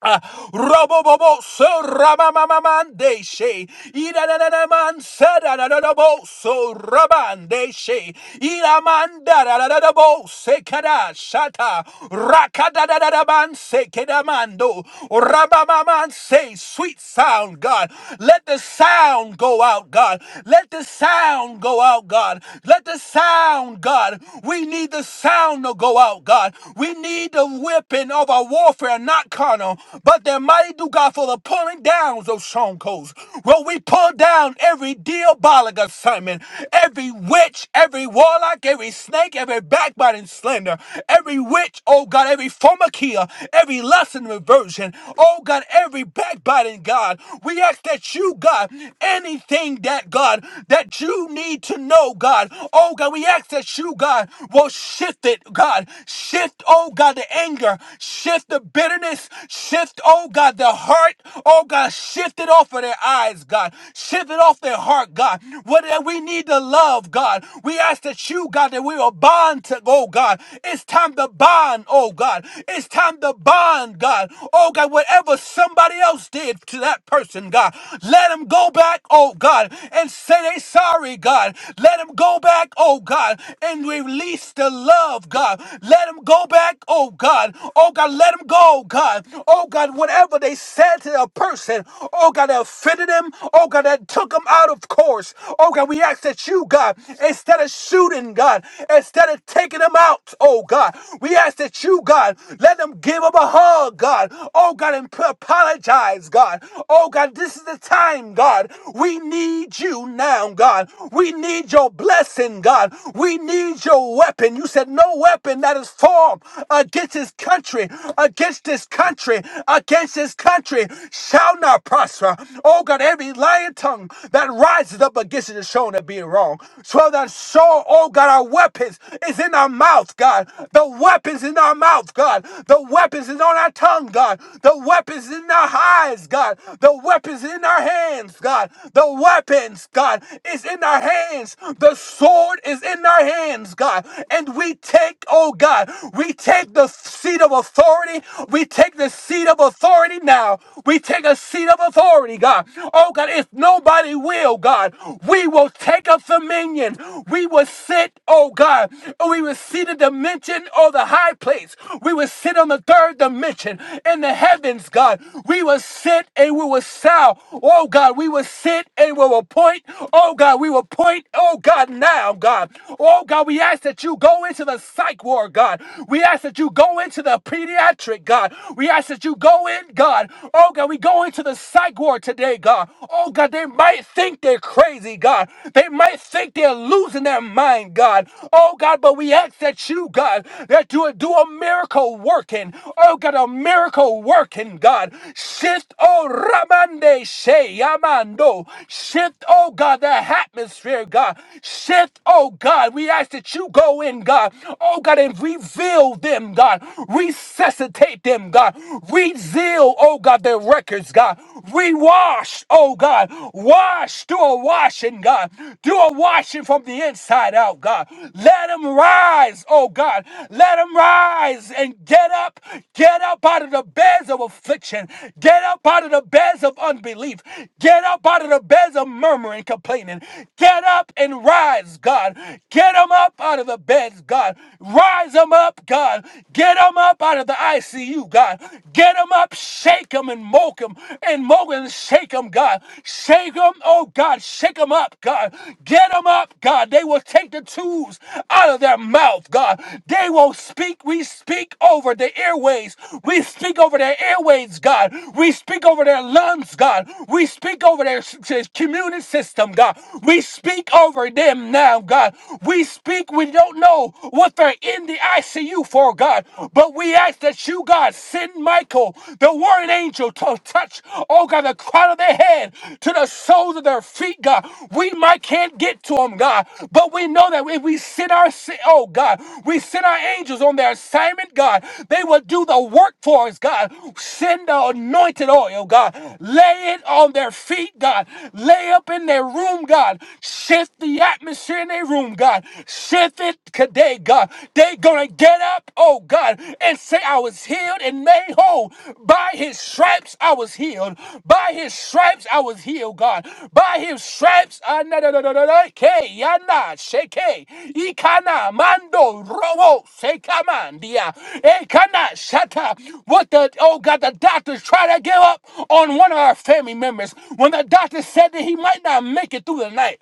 Ah, Robobobo, so Ramamamamande, she, Idanaman, Sadadadabo, so Rabande, she, Idamandadadabo, Sekada, Shata, Rakadadadaban, Sekedamando, Rabamaman, say, sweet sound, God. Let the sound go out, God. Let the sound go out, God. Let the sound, God. We need the sound to go out, God. We need the whipping of our warfare not not carnal, but they're mighty through God for the pulling down of strongholds. Well, we pull down every diabolic assignment, every witch, every warlock, every snake, every backbiting slander, every witch, oh God, every formakia, every lust and reversion, oh God, every backbiting God. We ask that you, God, anything that God that you need to know, God, oh God, we ask that you, God, will shift it, God, shift, oh God, the anger, Shift the bitterness. Shift, oh God, the heart. Oh God, shift it off of their eyes, God. Shift it off their heart, God. What that we need to love, God. We ask that you, God, that we will bond to, oh God. It's time to bond, oh God. It's time to bond, God. Oh God, whatever somebody else did to that person, God, let them go back, oh God, and say they sorry, God. Let them go back, oh God, and release the love, God. Let them go back, oh God. God. Oh God, let them go, God. Oh God, whatever they said to a person, oh God, that offended them, oh God, that took them out of course. Oh God, we ask that you, God, instead of shooting, God, instead of taking them out, oh God, we ask that you, God, let them give them a hug, God. Oh God, and p- apologize, God. Oh God, this is the time, God. We need you now, God. We need your blessing, God. We need your weapon. You said no weapon that is formed against his country, against this country, against this country shall not prosper. Oh God, every lying tongue that rises up against it is shown to be wrong. So that so, oh God, our weapons is in our mouth, God. The weapons in our mouth, God. The weapons is on our tongue, God. The weapons in our eyes, God. The weapons in our hands, God. The weapons, God, is in our hands. The sword is in our hands, God. And we take, oh God. We take the seat of authority. We take the seat of authority now. We take a seat of authority, God. Oh, God, if nobody will, God, we will take up dominion. We will sit, oh, God, we will see the dimension or the high place. We will sit on the third dimension in the heavens, God. We will sit and we will sound. Oh God, we will sit and we will point. Oh God, we will point. Oh God, now, God. Oh God, we ask that you go into the into the psych ward, God. We ask that you go into the pediatric, God. We ask that you go in, God. Oh, God, we go into the psych ward today, God. Oh, God, they might think they're crazy, God. They might think they're losing their mind, God. Oh, God, but we ask that you, God, that you would do a miracle working. Oh, God, a miracle working, God. Shift, oh, Ramande She Yamando. Shift, oh, God, the atmosphere, God. Shift, oh, God. We ask that you go go in, God. Oh, God, and reveal them, God. Resuscitate them, God. Rezeal, oh, God, their records, God. Rewash, oh, God. Wash, do a washing, God. Do a washing from the inside out, God. Let them rise, oh, God. Let them rise and get up. Get up out of the beds of affliction. Get up out of the beds of unbelief. Get up out of the beds of murmuring, complaining. Get up and rise, God. Get Get them up out of the beds, God. Rise them up, God. Get them up out of the ICU, God. Get them up, shake them and moke them and moke and shake them, God. Shake them, oh God, shake them up, God. Get them up, God. They will take the tubes out of their mouth, God. They will speak. We speak over the airways. We speak over their airways, God. We speak over their lungs, God. We speak over their s- s- community system, God. We speak over them now, down, God. We speak, we don't know what they're in the ICU for, God, but we ask that you, God, send Michael, the warring angel, to touch, oh God, the crown of their head to the soles of their feet, God. We might can't get to them, God, but we know that if we send our, si- oh God, we send our angels on their assignment, God, they will do the work for us, God. Send the anointed oil, God. Lay it on their feet, God. Lay up in their room, God. Shift the the atmosphere in their room, God. Shift it today, God. They're going to get up, oh God, and say, I was healed and made whole. By his stripes, I was healed. By his stripes, I was healed, God. By his stripes, I na na na na na na- ke yana sheke ikana mando robo sekamandia ekana shata. What the oh God, the doctors try to give up on one of our family members when the doctor said that he might not make it through the night.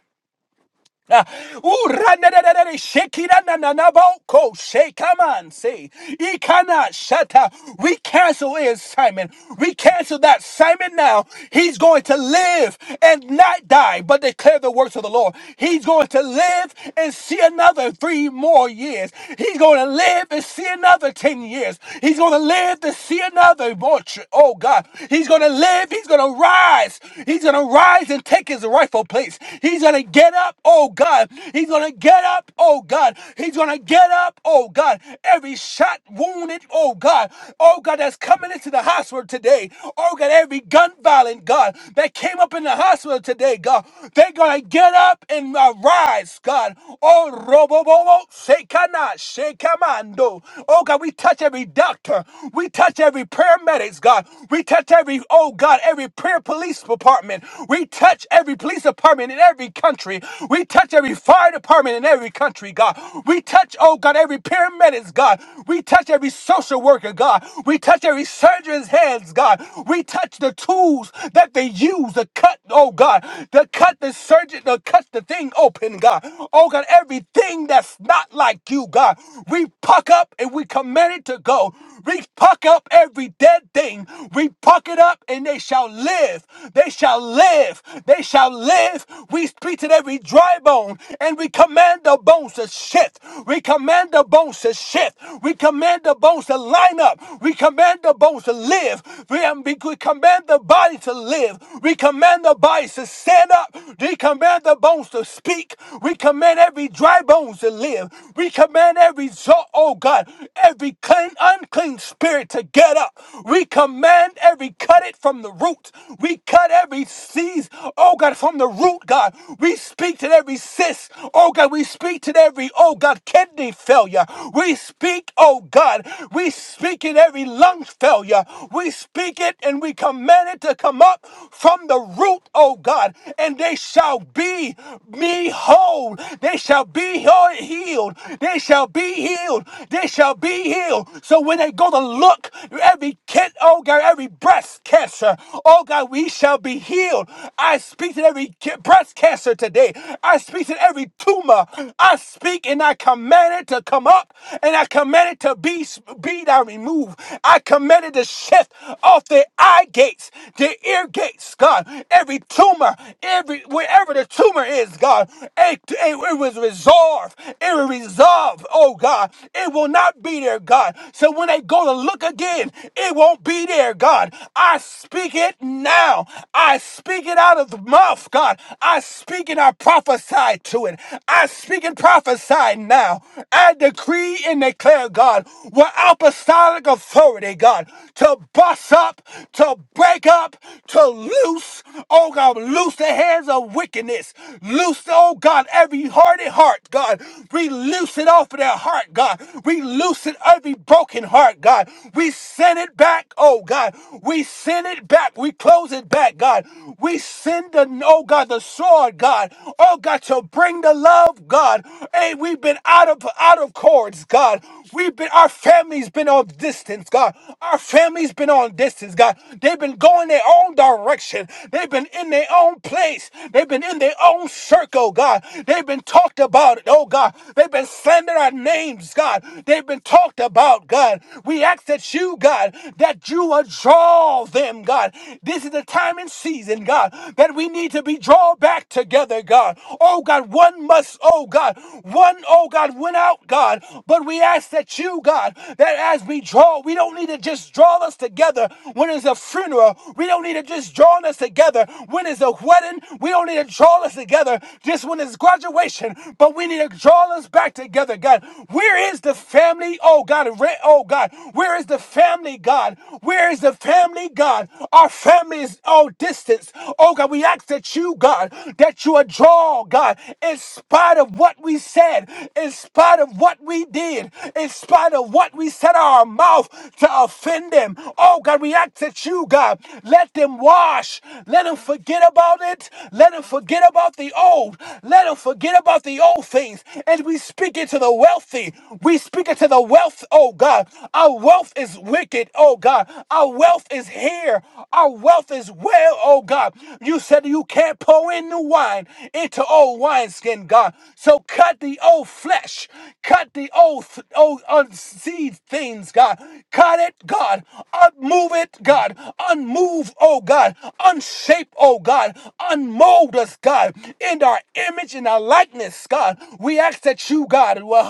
Ah, ooh, randadadadada, shekiranananaboko, shekamanse, ikana shata. We cancel his Simon. We cancel that Simon now. He's going to live and not die, but declare the works of the Lord. He's going to live and see another three more years. He's going to live and see another 10 years. He's going to live to see another more. tr- Oh, God. He's going to live. He's going to rise. He's going to rise and take his rightful place. He's going to get get up, oh God. He's going to get up, oh God. He's going to get up, oh God. Every shot wounded, oh God. Oh God, that's coming into the hospital today. Oh God, every gun violent, God, that came up in the hospital today, God. They're going to get up and uh, rise, God. Oh, robo, bobo, shekana, shekamando. Oh God, we touch every doctor. We touch every paramedics, God. We touch every, oh God, every prayer police department. We touch every police department in every country. We touch every fire department in every country, God. We touch, oh God, every paramedics, God. We touch every social worker, God. We touch every surgeon's hands, God. We touch the tools that they use to cut, oh God, to cut the surgeon, to cut the thing open, God. Oh God, everything that's not like you, God. We puck up and we command it to go. We puck up every dead thing. We puck it up and they shall live. They shall live. They shall live live. We speak to every dry bone and we command the bones to shift. We command the bones to shift. We command the bones to line up. We command the bones to live. We, am- we command the body to live. We command the bodies to stand up. We command the bones to speak. We command every dry bones to live. We command every, zo- oh God, every clean, unclean spirit to get up. We command every cut it from the root. We cut every seed Oh God, from the root, God, we speak to every cyst. Oh God, we speak to every, oh God, kidney failure. We speak, oh God, we speak in every lung failure. We speak it and we command it to come up from the root, oh God, and they shall be me whole. They shall be he- healed. They shall be healed. They shall be healed. So when they go to look, every kid, oh God, every breast cancer, oh God, we shall be healed healed. I speak to every ca- breast cancer today. I speak to every tumor. I speak and I command it to come up and I command it to be, be thou removed. I command it to shift off their eye gates, their ear gates, God. Every tumor, every wherever the tumor is, God, it, it, it was resolved. It was resolved, oh God. It will not be there, God. So when they go to look again, it won't be there, God. I speak it now now. I speak it out of the mouth, God. I speak and I prophesy to it. I speak and prophesy now. I decree and declare, God, with apostolic authority, God, to bust up, to break up, to loose, oh God, loose the hands of wickedness. Loose, oh God, every hardened heart, God. We loose it off of their heart, God. We loose it every broken heart, God. We send it back, oh God. We send it back. We close it back, God. We send the, oh God, the sword, God. Oh God, to bring the love, God. Hey, we've been out of out of chords, God. We've been our family's been on distance, God. Our family's been on distance, God. They've been going their own direction. They've been in their own place. They've been in their own circle, God. They've been talked about it, oh God. They've been slandering our names, God. They've been talked about, God. We ask that you, God, that you would draw them him, God. This is the time and season, God, that we need to be drawn back together, God. Oh, God, one must, oh, God, one, oh, God, went out, God. But we ask that you, God, that as we draw, we don't need to just draw us together when it's a funeral. We don't need to just draw us together when it's a wedding. We don't need to draw us together just when it's graduation, but we need to draw us back together, God. Where is the family? Oh, God. Oh, God. Where is the family, God? Where is the family, God, our family is all distance. Oh God, we ask that you, God, that you would draw, God, in spite of what we said, in spite of what we did, in spite of what we said our mouth to offend them. Oh God, we ask that you, God, let them wash, let them forget about it, let them forget about the old, let them forget about the old things, and we speak it to the wealthy. We speak it to the wealth, oh God. Our wealth is wicked, oh God. God. Our wealth is here. Our wealth is well, oh God. You said you can't pour in new wine into old wineskin, God. So cut the old flesh, cut the old, th- old unseed things, God. Cut it, God. Unmove it, God. Unmove, oh God. Unshape, oh God. Unmold us, God. In our image and our likeness, God. We ask that you, God, will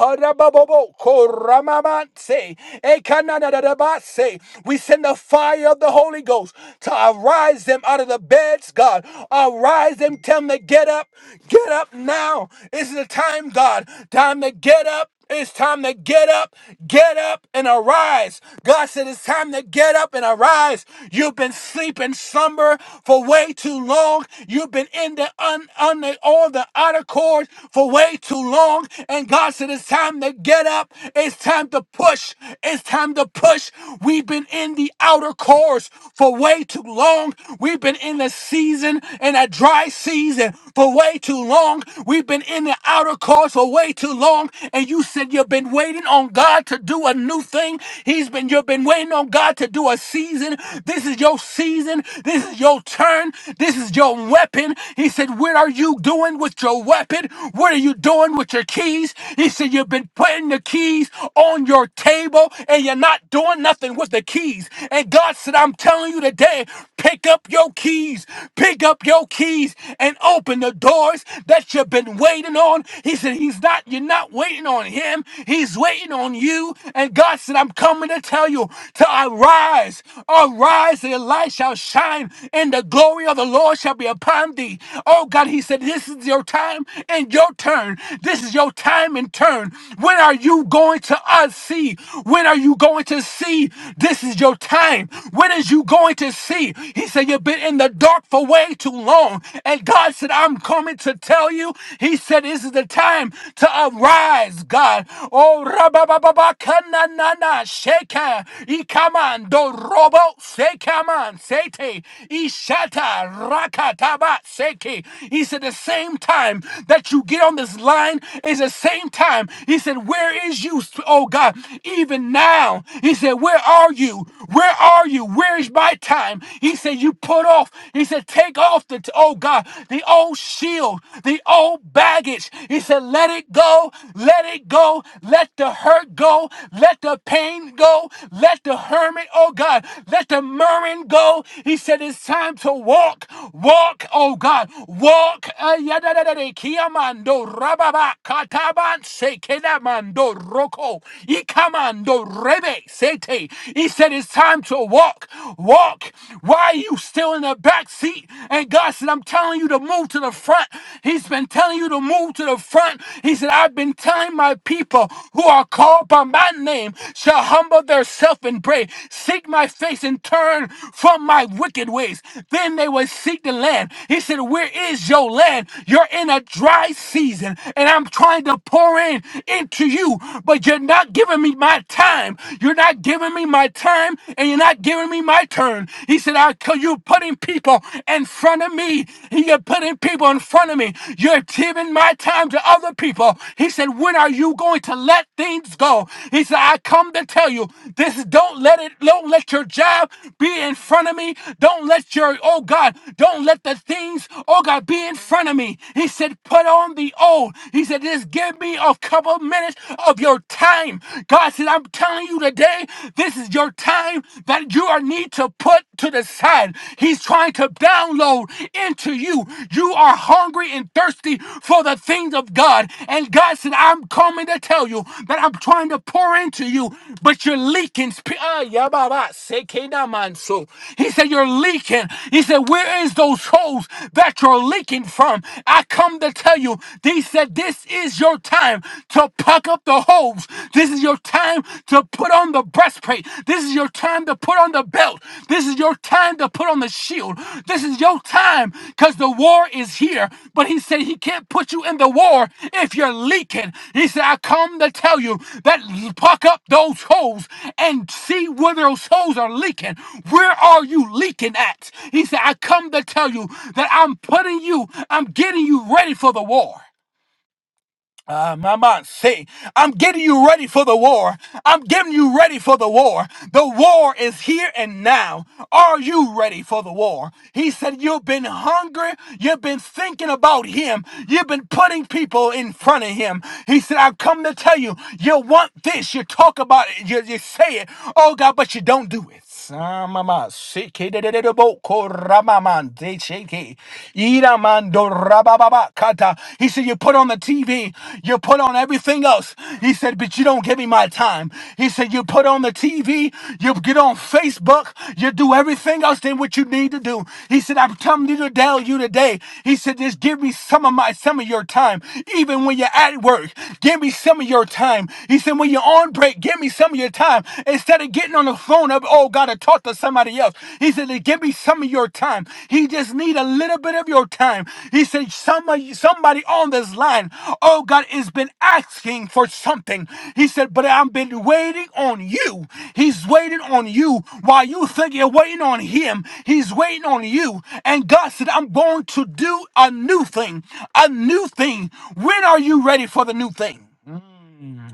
Say We send the fire of the Holy Ghost to arise them out of the beds, God. Arise them, tell them to get up. Get up now. It's the time, God. Time to get up. It's time to get up, get up and arise. God said it's time to get up and arise. You've been sleeping slumber for way too long. You've been in the un, on the all the outer cords for way too long. And God said it's time to get up. It's time to push. It's time to push. We've been in the outer course for way too long. We've been in the season, in that dry season for way too long. We've been in the outer course for way too long. And you said you've been waiting on God to do a new thing. He's been, you've been waiting on God to do a season. This is your season. This is your turn. This is your weapon. He said, What are you doing with your weapon? What are you doing with your keys? He said, You've been putting the keys on your table and you're not doing nothing with the keys. And God said, I'm telling you today, pick up your keys, pick up your keys and open the doors that you've been waiting on. He said, He's not, you're not waiting on him, he's waiting on you. And God said, I'm coming to tell you to arise, arise, and your light shall shine, and the glory of the Lord shall be upon thee. Oh God, he said, This is your time and your turn. This is your time and turn. When are you going to us? see? When are you going to see? This is your time. When is you going to see? He said, You've been in the dark for way too long. And God said, I'm coming to tell you. He said, This is the time to arise, God. Oh, rababababakananana, sheka, ikamando, robo, sekaman, sete, ishata, rakataba, seke. He said, The same time that you get on this line is the same time. He said, Where is you? those, oh God, even now. He said, Where are you? Where are you? Where is my time? He said, You put off. He said, Take off the, oh God, the old shield, the old baggage. He said, Let it go. Let it go. Let the hurt go. Let the pain go. Let the hermit, oh God, let the murmuring go. He said, It's time to walk. Walk, oh God. Walk. Uh, Ikamando roko. Ikamando rebe sete. He said it's time to walk. Walk. Why are you still in the back seat? And God said, I'm telling you to move to the front. He's been telling you to move to the front. He said, I've been telling my people who are called by my name shall humble themselves and pray, seek my face and turn from my wicked ways. Then they will seek the land. He said, Where is your land? You're in a dry season, and I'm trying to pour in into you, but you're not giving me my time. You're not giving me my time, and you're not giving me my turn. He said, I you you're putting people in front of me. You're putting people in front of me. You're giving my time to other people. He said, When are you going to let things go? He said, I come to tell you, this don't let it, don't let your job be in front of me. Don't let your, oh God, don't let the things, oh God, be in front of me. He said, Put on the old. He said, Just give give me a couple minutes of your time. God said, I'm telling you today, this is your time that you are need to put to the side. He's trying to download into you. You are hungry and thirsty for the things of God. And God said, I'm coming to tell you that I'm trying to pour into you, but you're leaking. sp- ah, yababa, sekenamanso. He said, You're leaking. He said, Where is those holes that you're leaking from? I come to tell you. He said, This this is your time to pack up the hose. This is your time to put on the breastplate. This is your time to put on the belt. This is your time to put on the shield. This is your time because the war is here. But he said he can't put you in the war if you're leaking. He said, I come to tell you that pack up those holes and see where those holes are leaking. Where are you leaking at? He said, I come to tell you that I'm putting you, I'm getting you ready for the war. Ah, Mama, say, I'm getting you ready for the war. I'm getting you ready for the war. The war is here and now. Are you ready for the war? He said, You've been hungry. You've been thinking about Him. You've been putting people in front of Him. He said, I've come to tell you, you want this. You talk about it. You, you say it. Oh, God, but you don't do it. Samama seke de de de de bo ko ramaman de sheke ira mando rabababa kata. He said, "You put on the TV, you put on everything else." He said, "But you don't give me my time." He said, "You put on the TV, you get on Facebook, you do everything else than what you need to do." He said, "I'm telling you to tell you today." He said, "Just give me some of my some of your time, even when you're at work. Give me some of your time." He said, "When you're on break, give me." some of your time instead of getting on the phone up. Oh, God to talk to somebody else. He said, to give me some of your time. He just need a little bit of your time. He said, somebody, somebody on this line. Oh, God has been asking for something. He said, but I've been waiting on you. He's waiting on you while you think you're waiting on him. He's waiting on you. And God said, I'm going to do a new thing, a new thing. When are you ready for the new thing?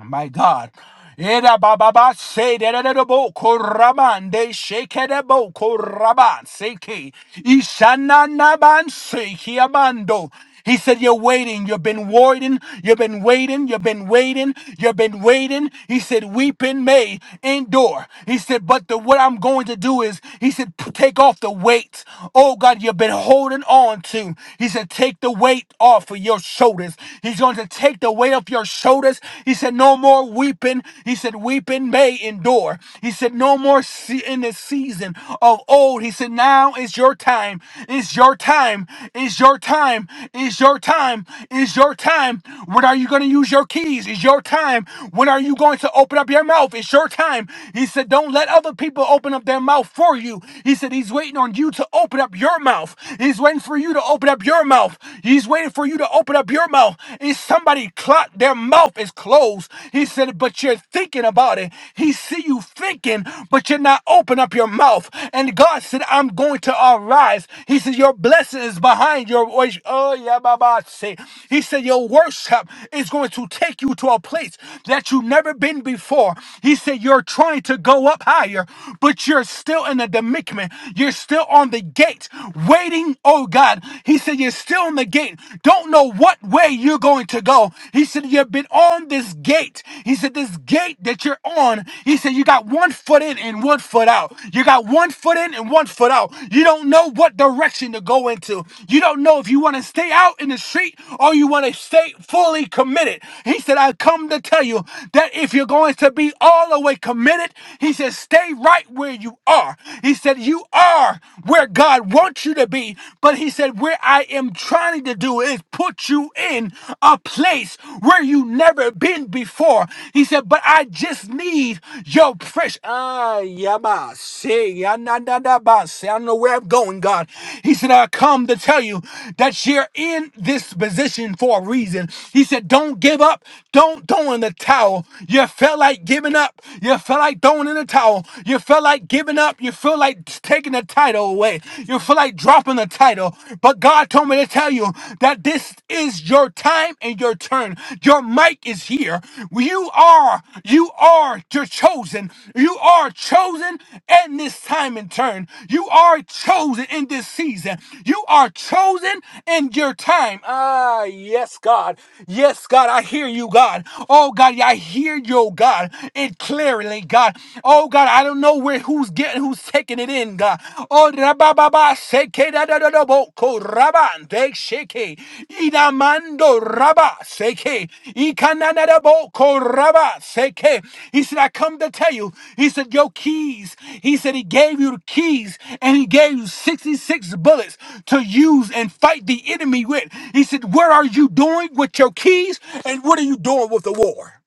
my God. Eda bababa se de de de de bo koraman de shake de bo koraban seke ishana naban seki amando. He said, You're waiting. You've been waiting. You've been waiting. You've been waiting. You've been waiting. He said, Weeping may endure. He said, But the what I'm going to do is, he said, "P- Take off the weight. Oh God, you've been holding on to. He said, Take the weight off of your shoulders. He's going to take the weight off your shoulders. He said, No more weeping. He said, Weeping may endure. He said, No more se- in the season of old. He said, Now is your time. It's your time. It's your time. It's your time. It's your time. When are you going to use your keys? It's your time. When are you going to open up your mouth? It's your time. He said, Don't let other people open up their mouth for you. He said, He's waiting on you to open up your mouth. He's waiting for you to open up your mouth. He's waiting waiting for you to open up your mouth. Is somebody clock their mouth is closed. He said, but you're thinking about it. He see you thinking, but you're not open up your mouth. And God said, I'm going to arise. He said, your blessing is behind your voice. Oh yeah, Baba. Say, he said, your worship is going to take you to a place that you've never been before. He said, you're trying to go up higher, but you're still in the demikment. You're still on the gate, waiting. Oh oh God. He said, You're still in the gate. Don't know what way you're going to go. He said, You've been on this gate. He said, This gate that you're on, he said, You got one foot in and one foot out. You got one foot in and one foot out. You don't know what direction to go into. You don't know if you want to stay out in the street or you want to stay fully committed. He said, I come to tell you that if you're going to be all the way committed, he said, Stay right where you are. He said, You are are where God wants you to be, but He said, Where I am trying to do is put you in a place where you never been before. He said, But I just need your fresh. Ah, yaba, see, yanadadaba, see, I don't know where I'm going, God. He said, I come to tell you that you're in this position for a reason. He said, Don't give up. Don't throw in the towel. You felt like giving up. You felt like throwing in the towel. You felt like feel like giving up. You feel like taking the title away. You feel like dropping the title. But God told me to tell you that this is your time and your turn. Your mic is here. You are, you are your chosen. You are chosen in this time and turn. You are chosen in this season. You are chosen in your time. Ah, yes, God. Yes, God. I hear you, God. Oh, God. yeah, I hear you, God. It clearly. Verily, God. Oh God, I don't know where who's getting who's taking it in, God. Oh rababa seke da da da da bo ko raban de sheke idamando raba seke ikanana da bo ko raba seke. He said, I come to tell you. He said, your keys. He said he gave you the keys and he gave you 66 bullets to use and fight the enemy with. He said, what are you doing with your keys and what are you doing with the war?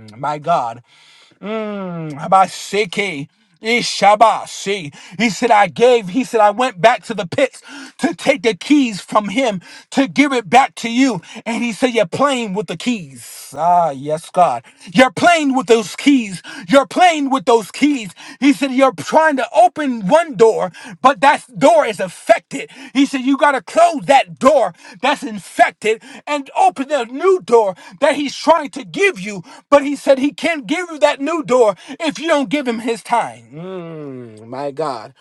Mm, My God. Mm, Abasheke. Ishabashi. He said, I gave, he said, I went back to the pits to take the keys from him to give it back to you. And he said, You're playing with the keys. Ah, yes, God. You're playing with those keys. You're playing with those keys those keys. He said, You're trying to open one door, but that door is affected. He said, You got to close that door that's infected and open a new door that he's trying to give you. But he said, He can't give you that new door if you don't give him his time. Mm, my God.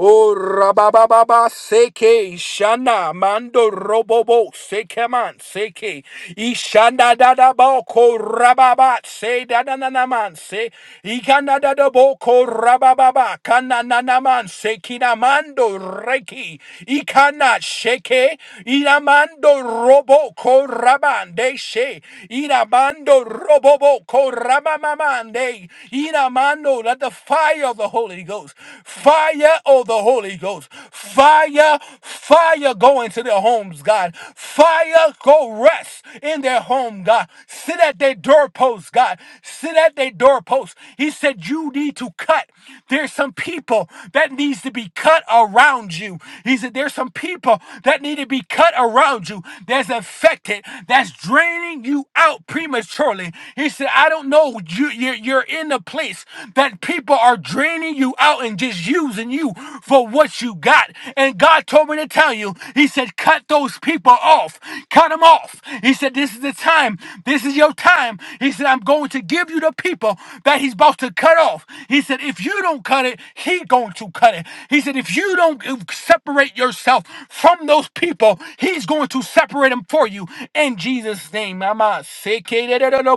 Oh, rabababa seke ishana mando robobo seke man seke ishanda dada boko rababa se dada nana man se ikana dada boko rabababa kana nana man seki na mando reki ikana sheke ina mando robo ko rabande she ina mando robobo ko rabamamande ina I know that the fire of the Holy Ghost, fire of the Holy Ghost, fire, fire go into their homes, God. Fire go rest in their home, God. Sit at their doorposts, God. Sit at their doorposts. He said, You need to cut. There's some people that needs to be cut around you. He said, There's some people that need to be cut around you that's affected, that's draining you out prematurely. He said, I don't know know you you're, you're in a place that people are draining you out and just using you for what you got. And God told me to tell you, He said, cut those people off, cut them off. He said, this is the time, this is your time. He said, I'm going to give you the people that He's about to cut off. He said, if you don't cut it, He going to cut it. He said, if you don't uh, separate yourself from those people, He's going to separate them for you. In Jesus' name, I'm out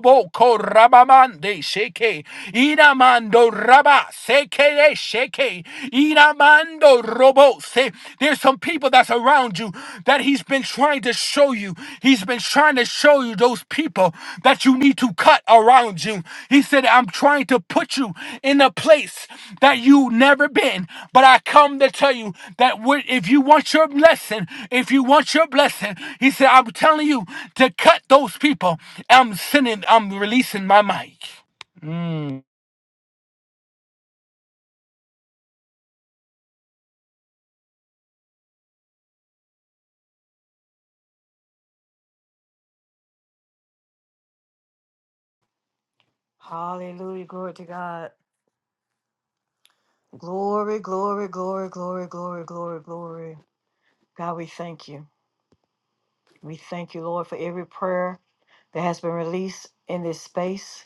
boko rabamande sheke. Inamando raba seke sheke. Inamando robo se. There's some people that's around you that he's been trying to show you. He's been trying to show you those people that you need to cut around you. He said, I'm trying to put you in a place that you've never been. But I come to tell you that when- if you want your blessing, if you want your blessing, he said, I'm telling you to cut those people. I'm sending, I'm releasing my mic. Mm.
Hallelujah. Glory to God. Glory, glory, glory, glory, glory, glory, glory. God, we thank you. We thank you, Lord, for every prayer that has been released in this space.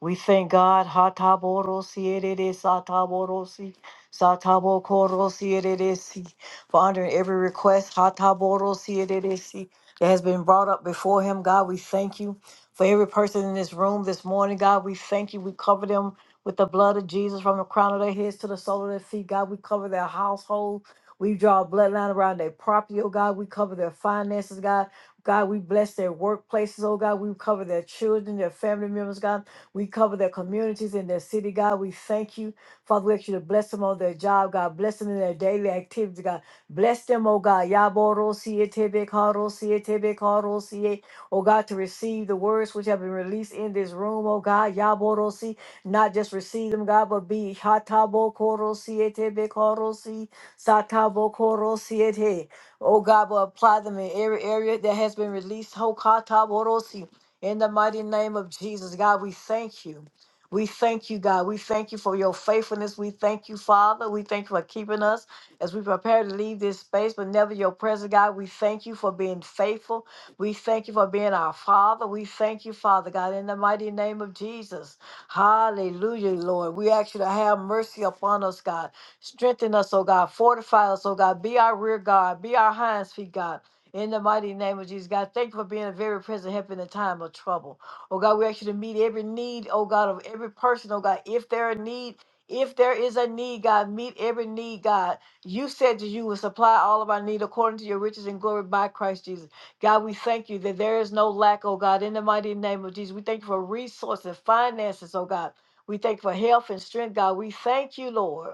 We thank God. Hataborosi erere sataborosi satabokorosi ereresi. For honoring every request, hataborosi ereresi, that has been brought up before Him, God, we thank you. For every person in this room this morning, God, we thank you. We cover them with the blood of Jesus from the crown of their heads to the sole of their feet. God, we cover their household. We draw a bloodline around their property, oh God. We cover their finances, God. God, we bless their workplaces, oh God. We cover their children, their family members, God. We cover their communities and their city, God. We thank you. Father, we ask you to bless them on their job, God. Bless them in their daily activities, God. Bless them, oh God. Yaborosietebekarosi, Oh God, to receive the words which have been released in this room, oh God. Yaborosi. Not just receive them, God, but be hatabokorosi, satabokorosi. Oh God, but apply them in every area that has been released. Ho kataborosi. In the mighty name of Jesus, God, we thank you. We thank you, God. We thank you for your faithfulness. We thank you, Father. We thank you for keeping us as we prepare to leave this space, but never your presence, God. We thank you for being faithful. We thank you for being our Father. We thank you, Father, God, in the mighty name of Jesus. Hallelujah, Lord. We ask you to have mercy upon us, God. Strengthen us, oh God. Fortify us, oh God. Be our rear guard. Be our hinds feet, God. In the mighty name of Jesus, God, thank you for being a very present help in the time of trouble. Oh God, we ask you to meet every need, oh God, of every person, oh God. If there are need, if there is a need, God, meet every need, God. You said that you will supply all of our need according to your riches and glory by Christ Jesus. God, we thank you that there is no lack, oh God, in the mighty name of Jesus. We thank you for resources, finances, oh God. We thank you for health and strength, God. We thank you, Lord.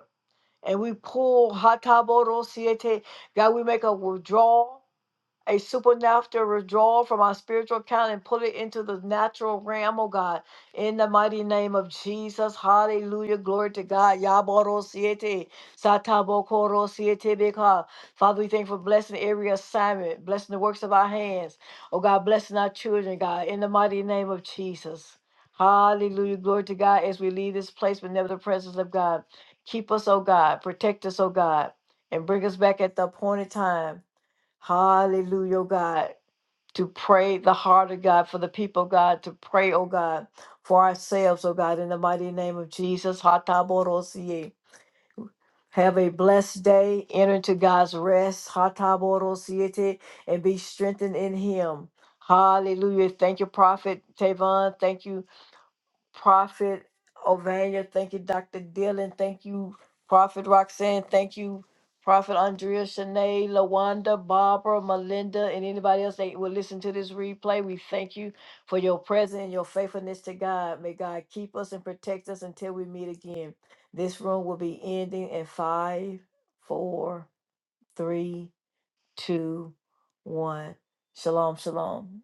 And we pull hataboro siete. God, we make a withdrawal a supernatural withdrawal from our spiritual account and put it into the natural realm, oh God. In the mighty name of Jesus, hallelujah, glory to God. Yaboro siete, satabokoro siete beka. Father, we thank you for blessing every assignment, blessing the works of our hands. Oh God, blessing our children, God, in the mighty name of Jesus. Hallelujah, glory to God as we leave this place, but never the presence of God. Keep us, oh God, protect us, oh God, and bring us back at the appointed time. Hallelujah, oh God. To pray the heart of God for the people, God, to pray, oh God, for ourselves, oh God, in the mighty name of Jesus. Hataborosie. Have a blessed day. Enter into God's rest. Hataborosiete, And be strengthened in Him. Hallelujah. Thank you, Prophet Tavon. Thank you. Prophet Ovania. Thank you, Dr. Dylan. Thank you, Prophet Roxanne. Thank you, Prophet Andrea, Shanae, Lawanda, Barbara, Melinda, and anybody else that will listen to this replay. We thank you for your presence and your faithfulness to God. May God keep us and protect us until we meet again. This room will be ending in five, four, three, two, one. Shalom, shalom.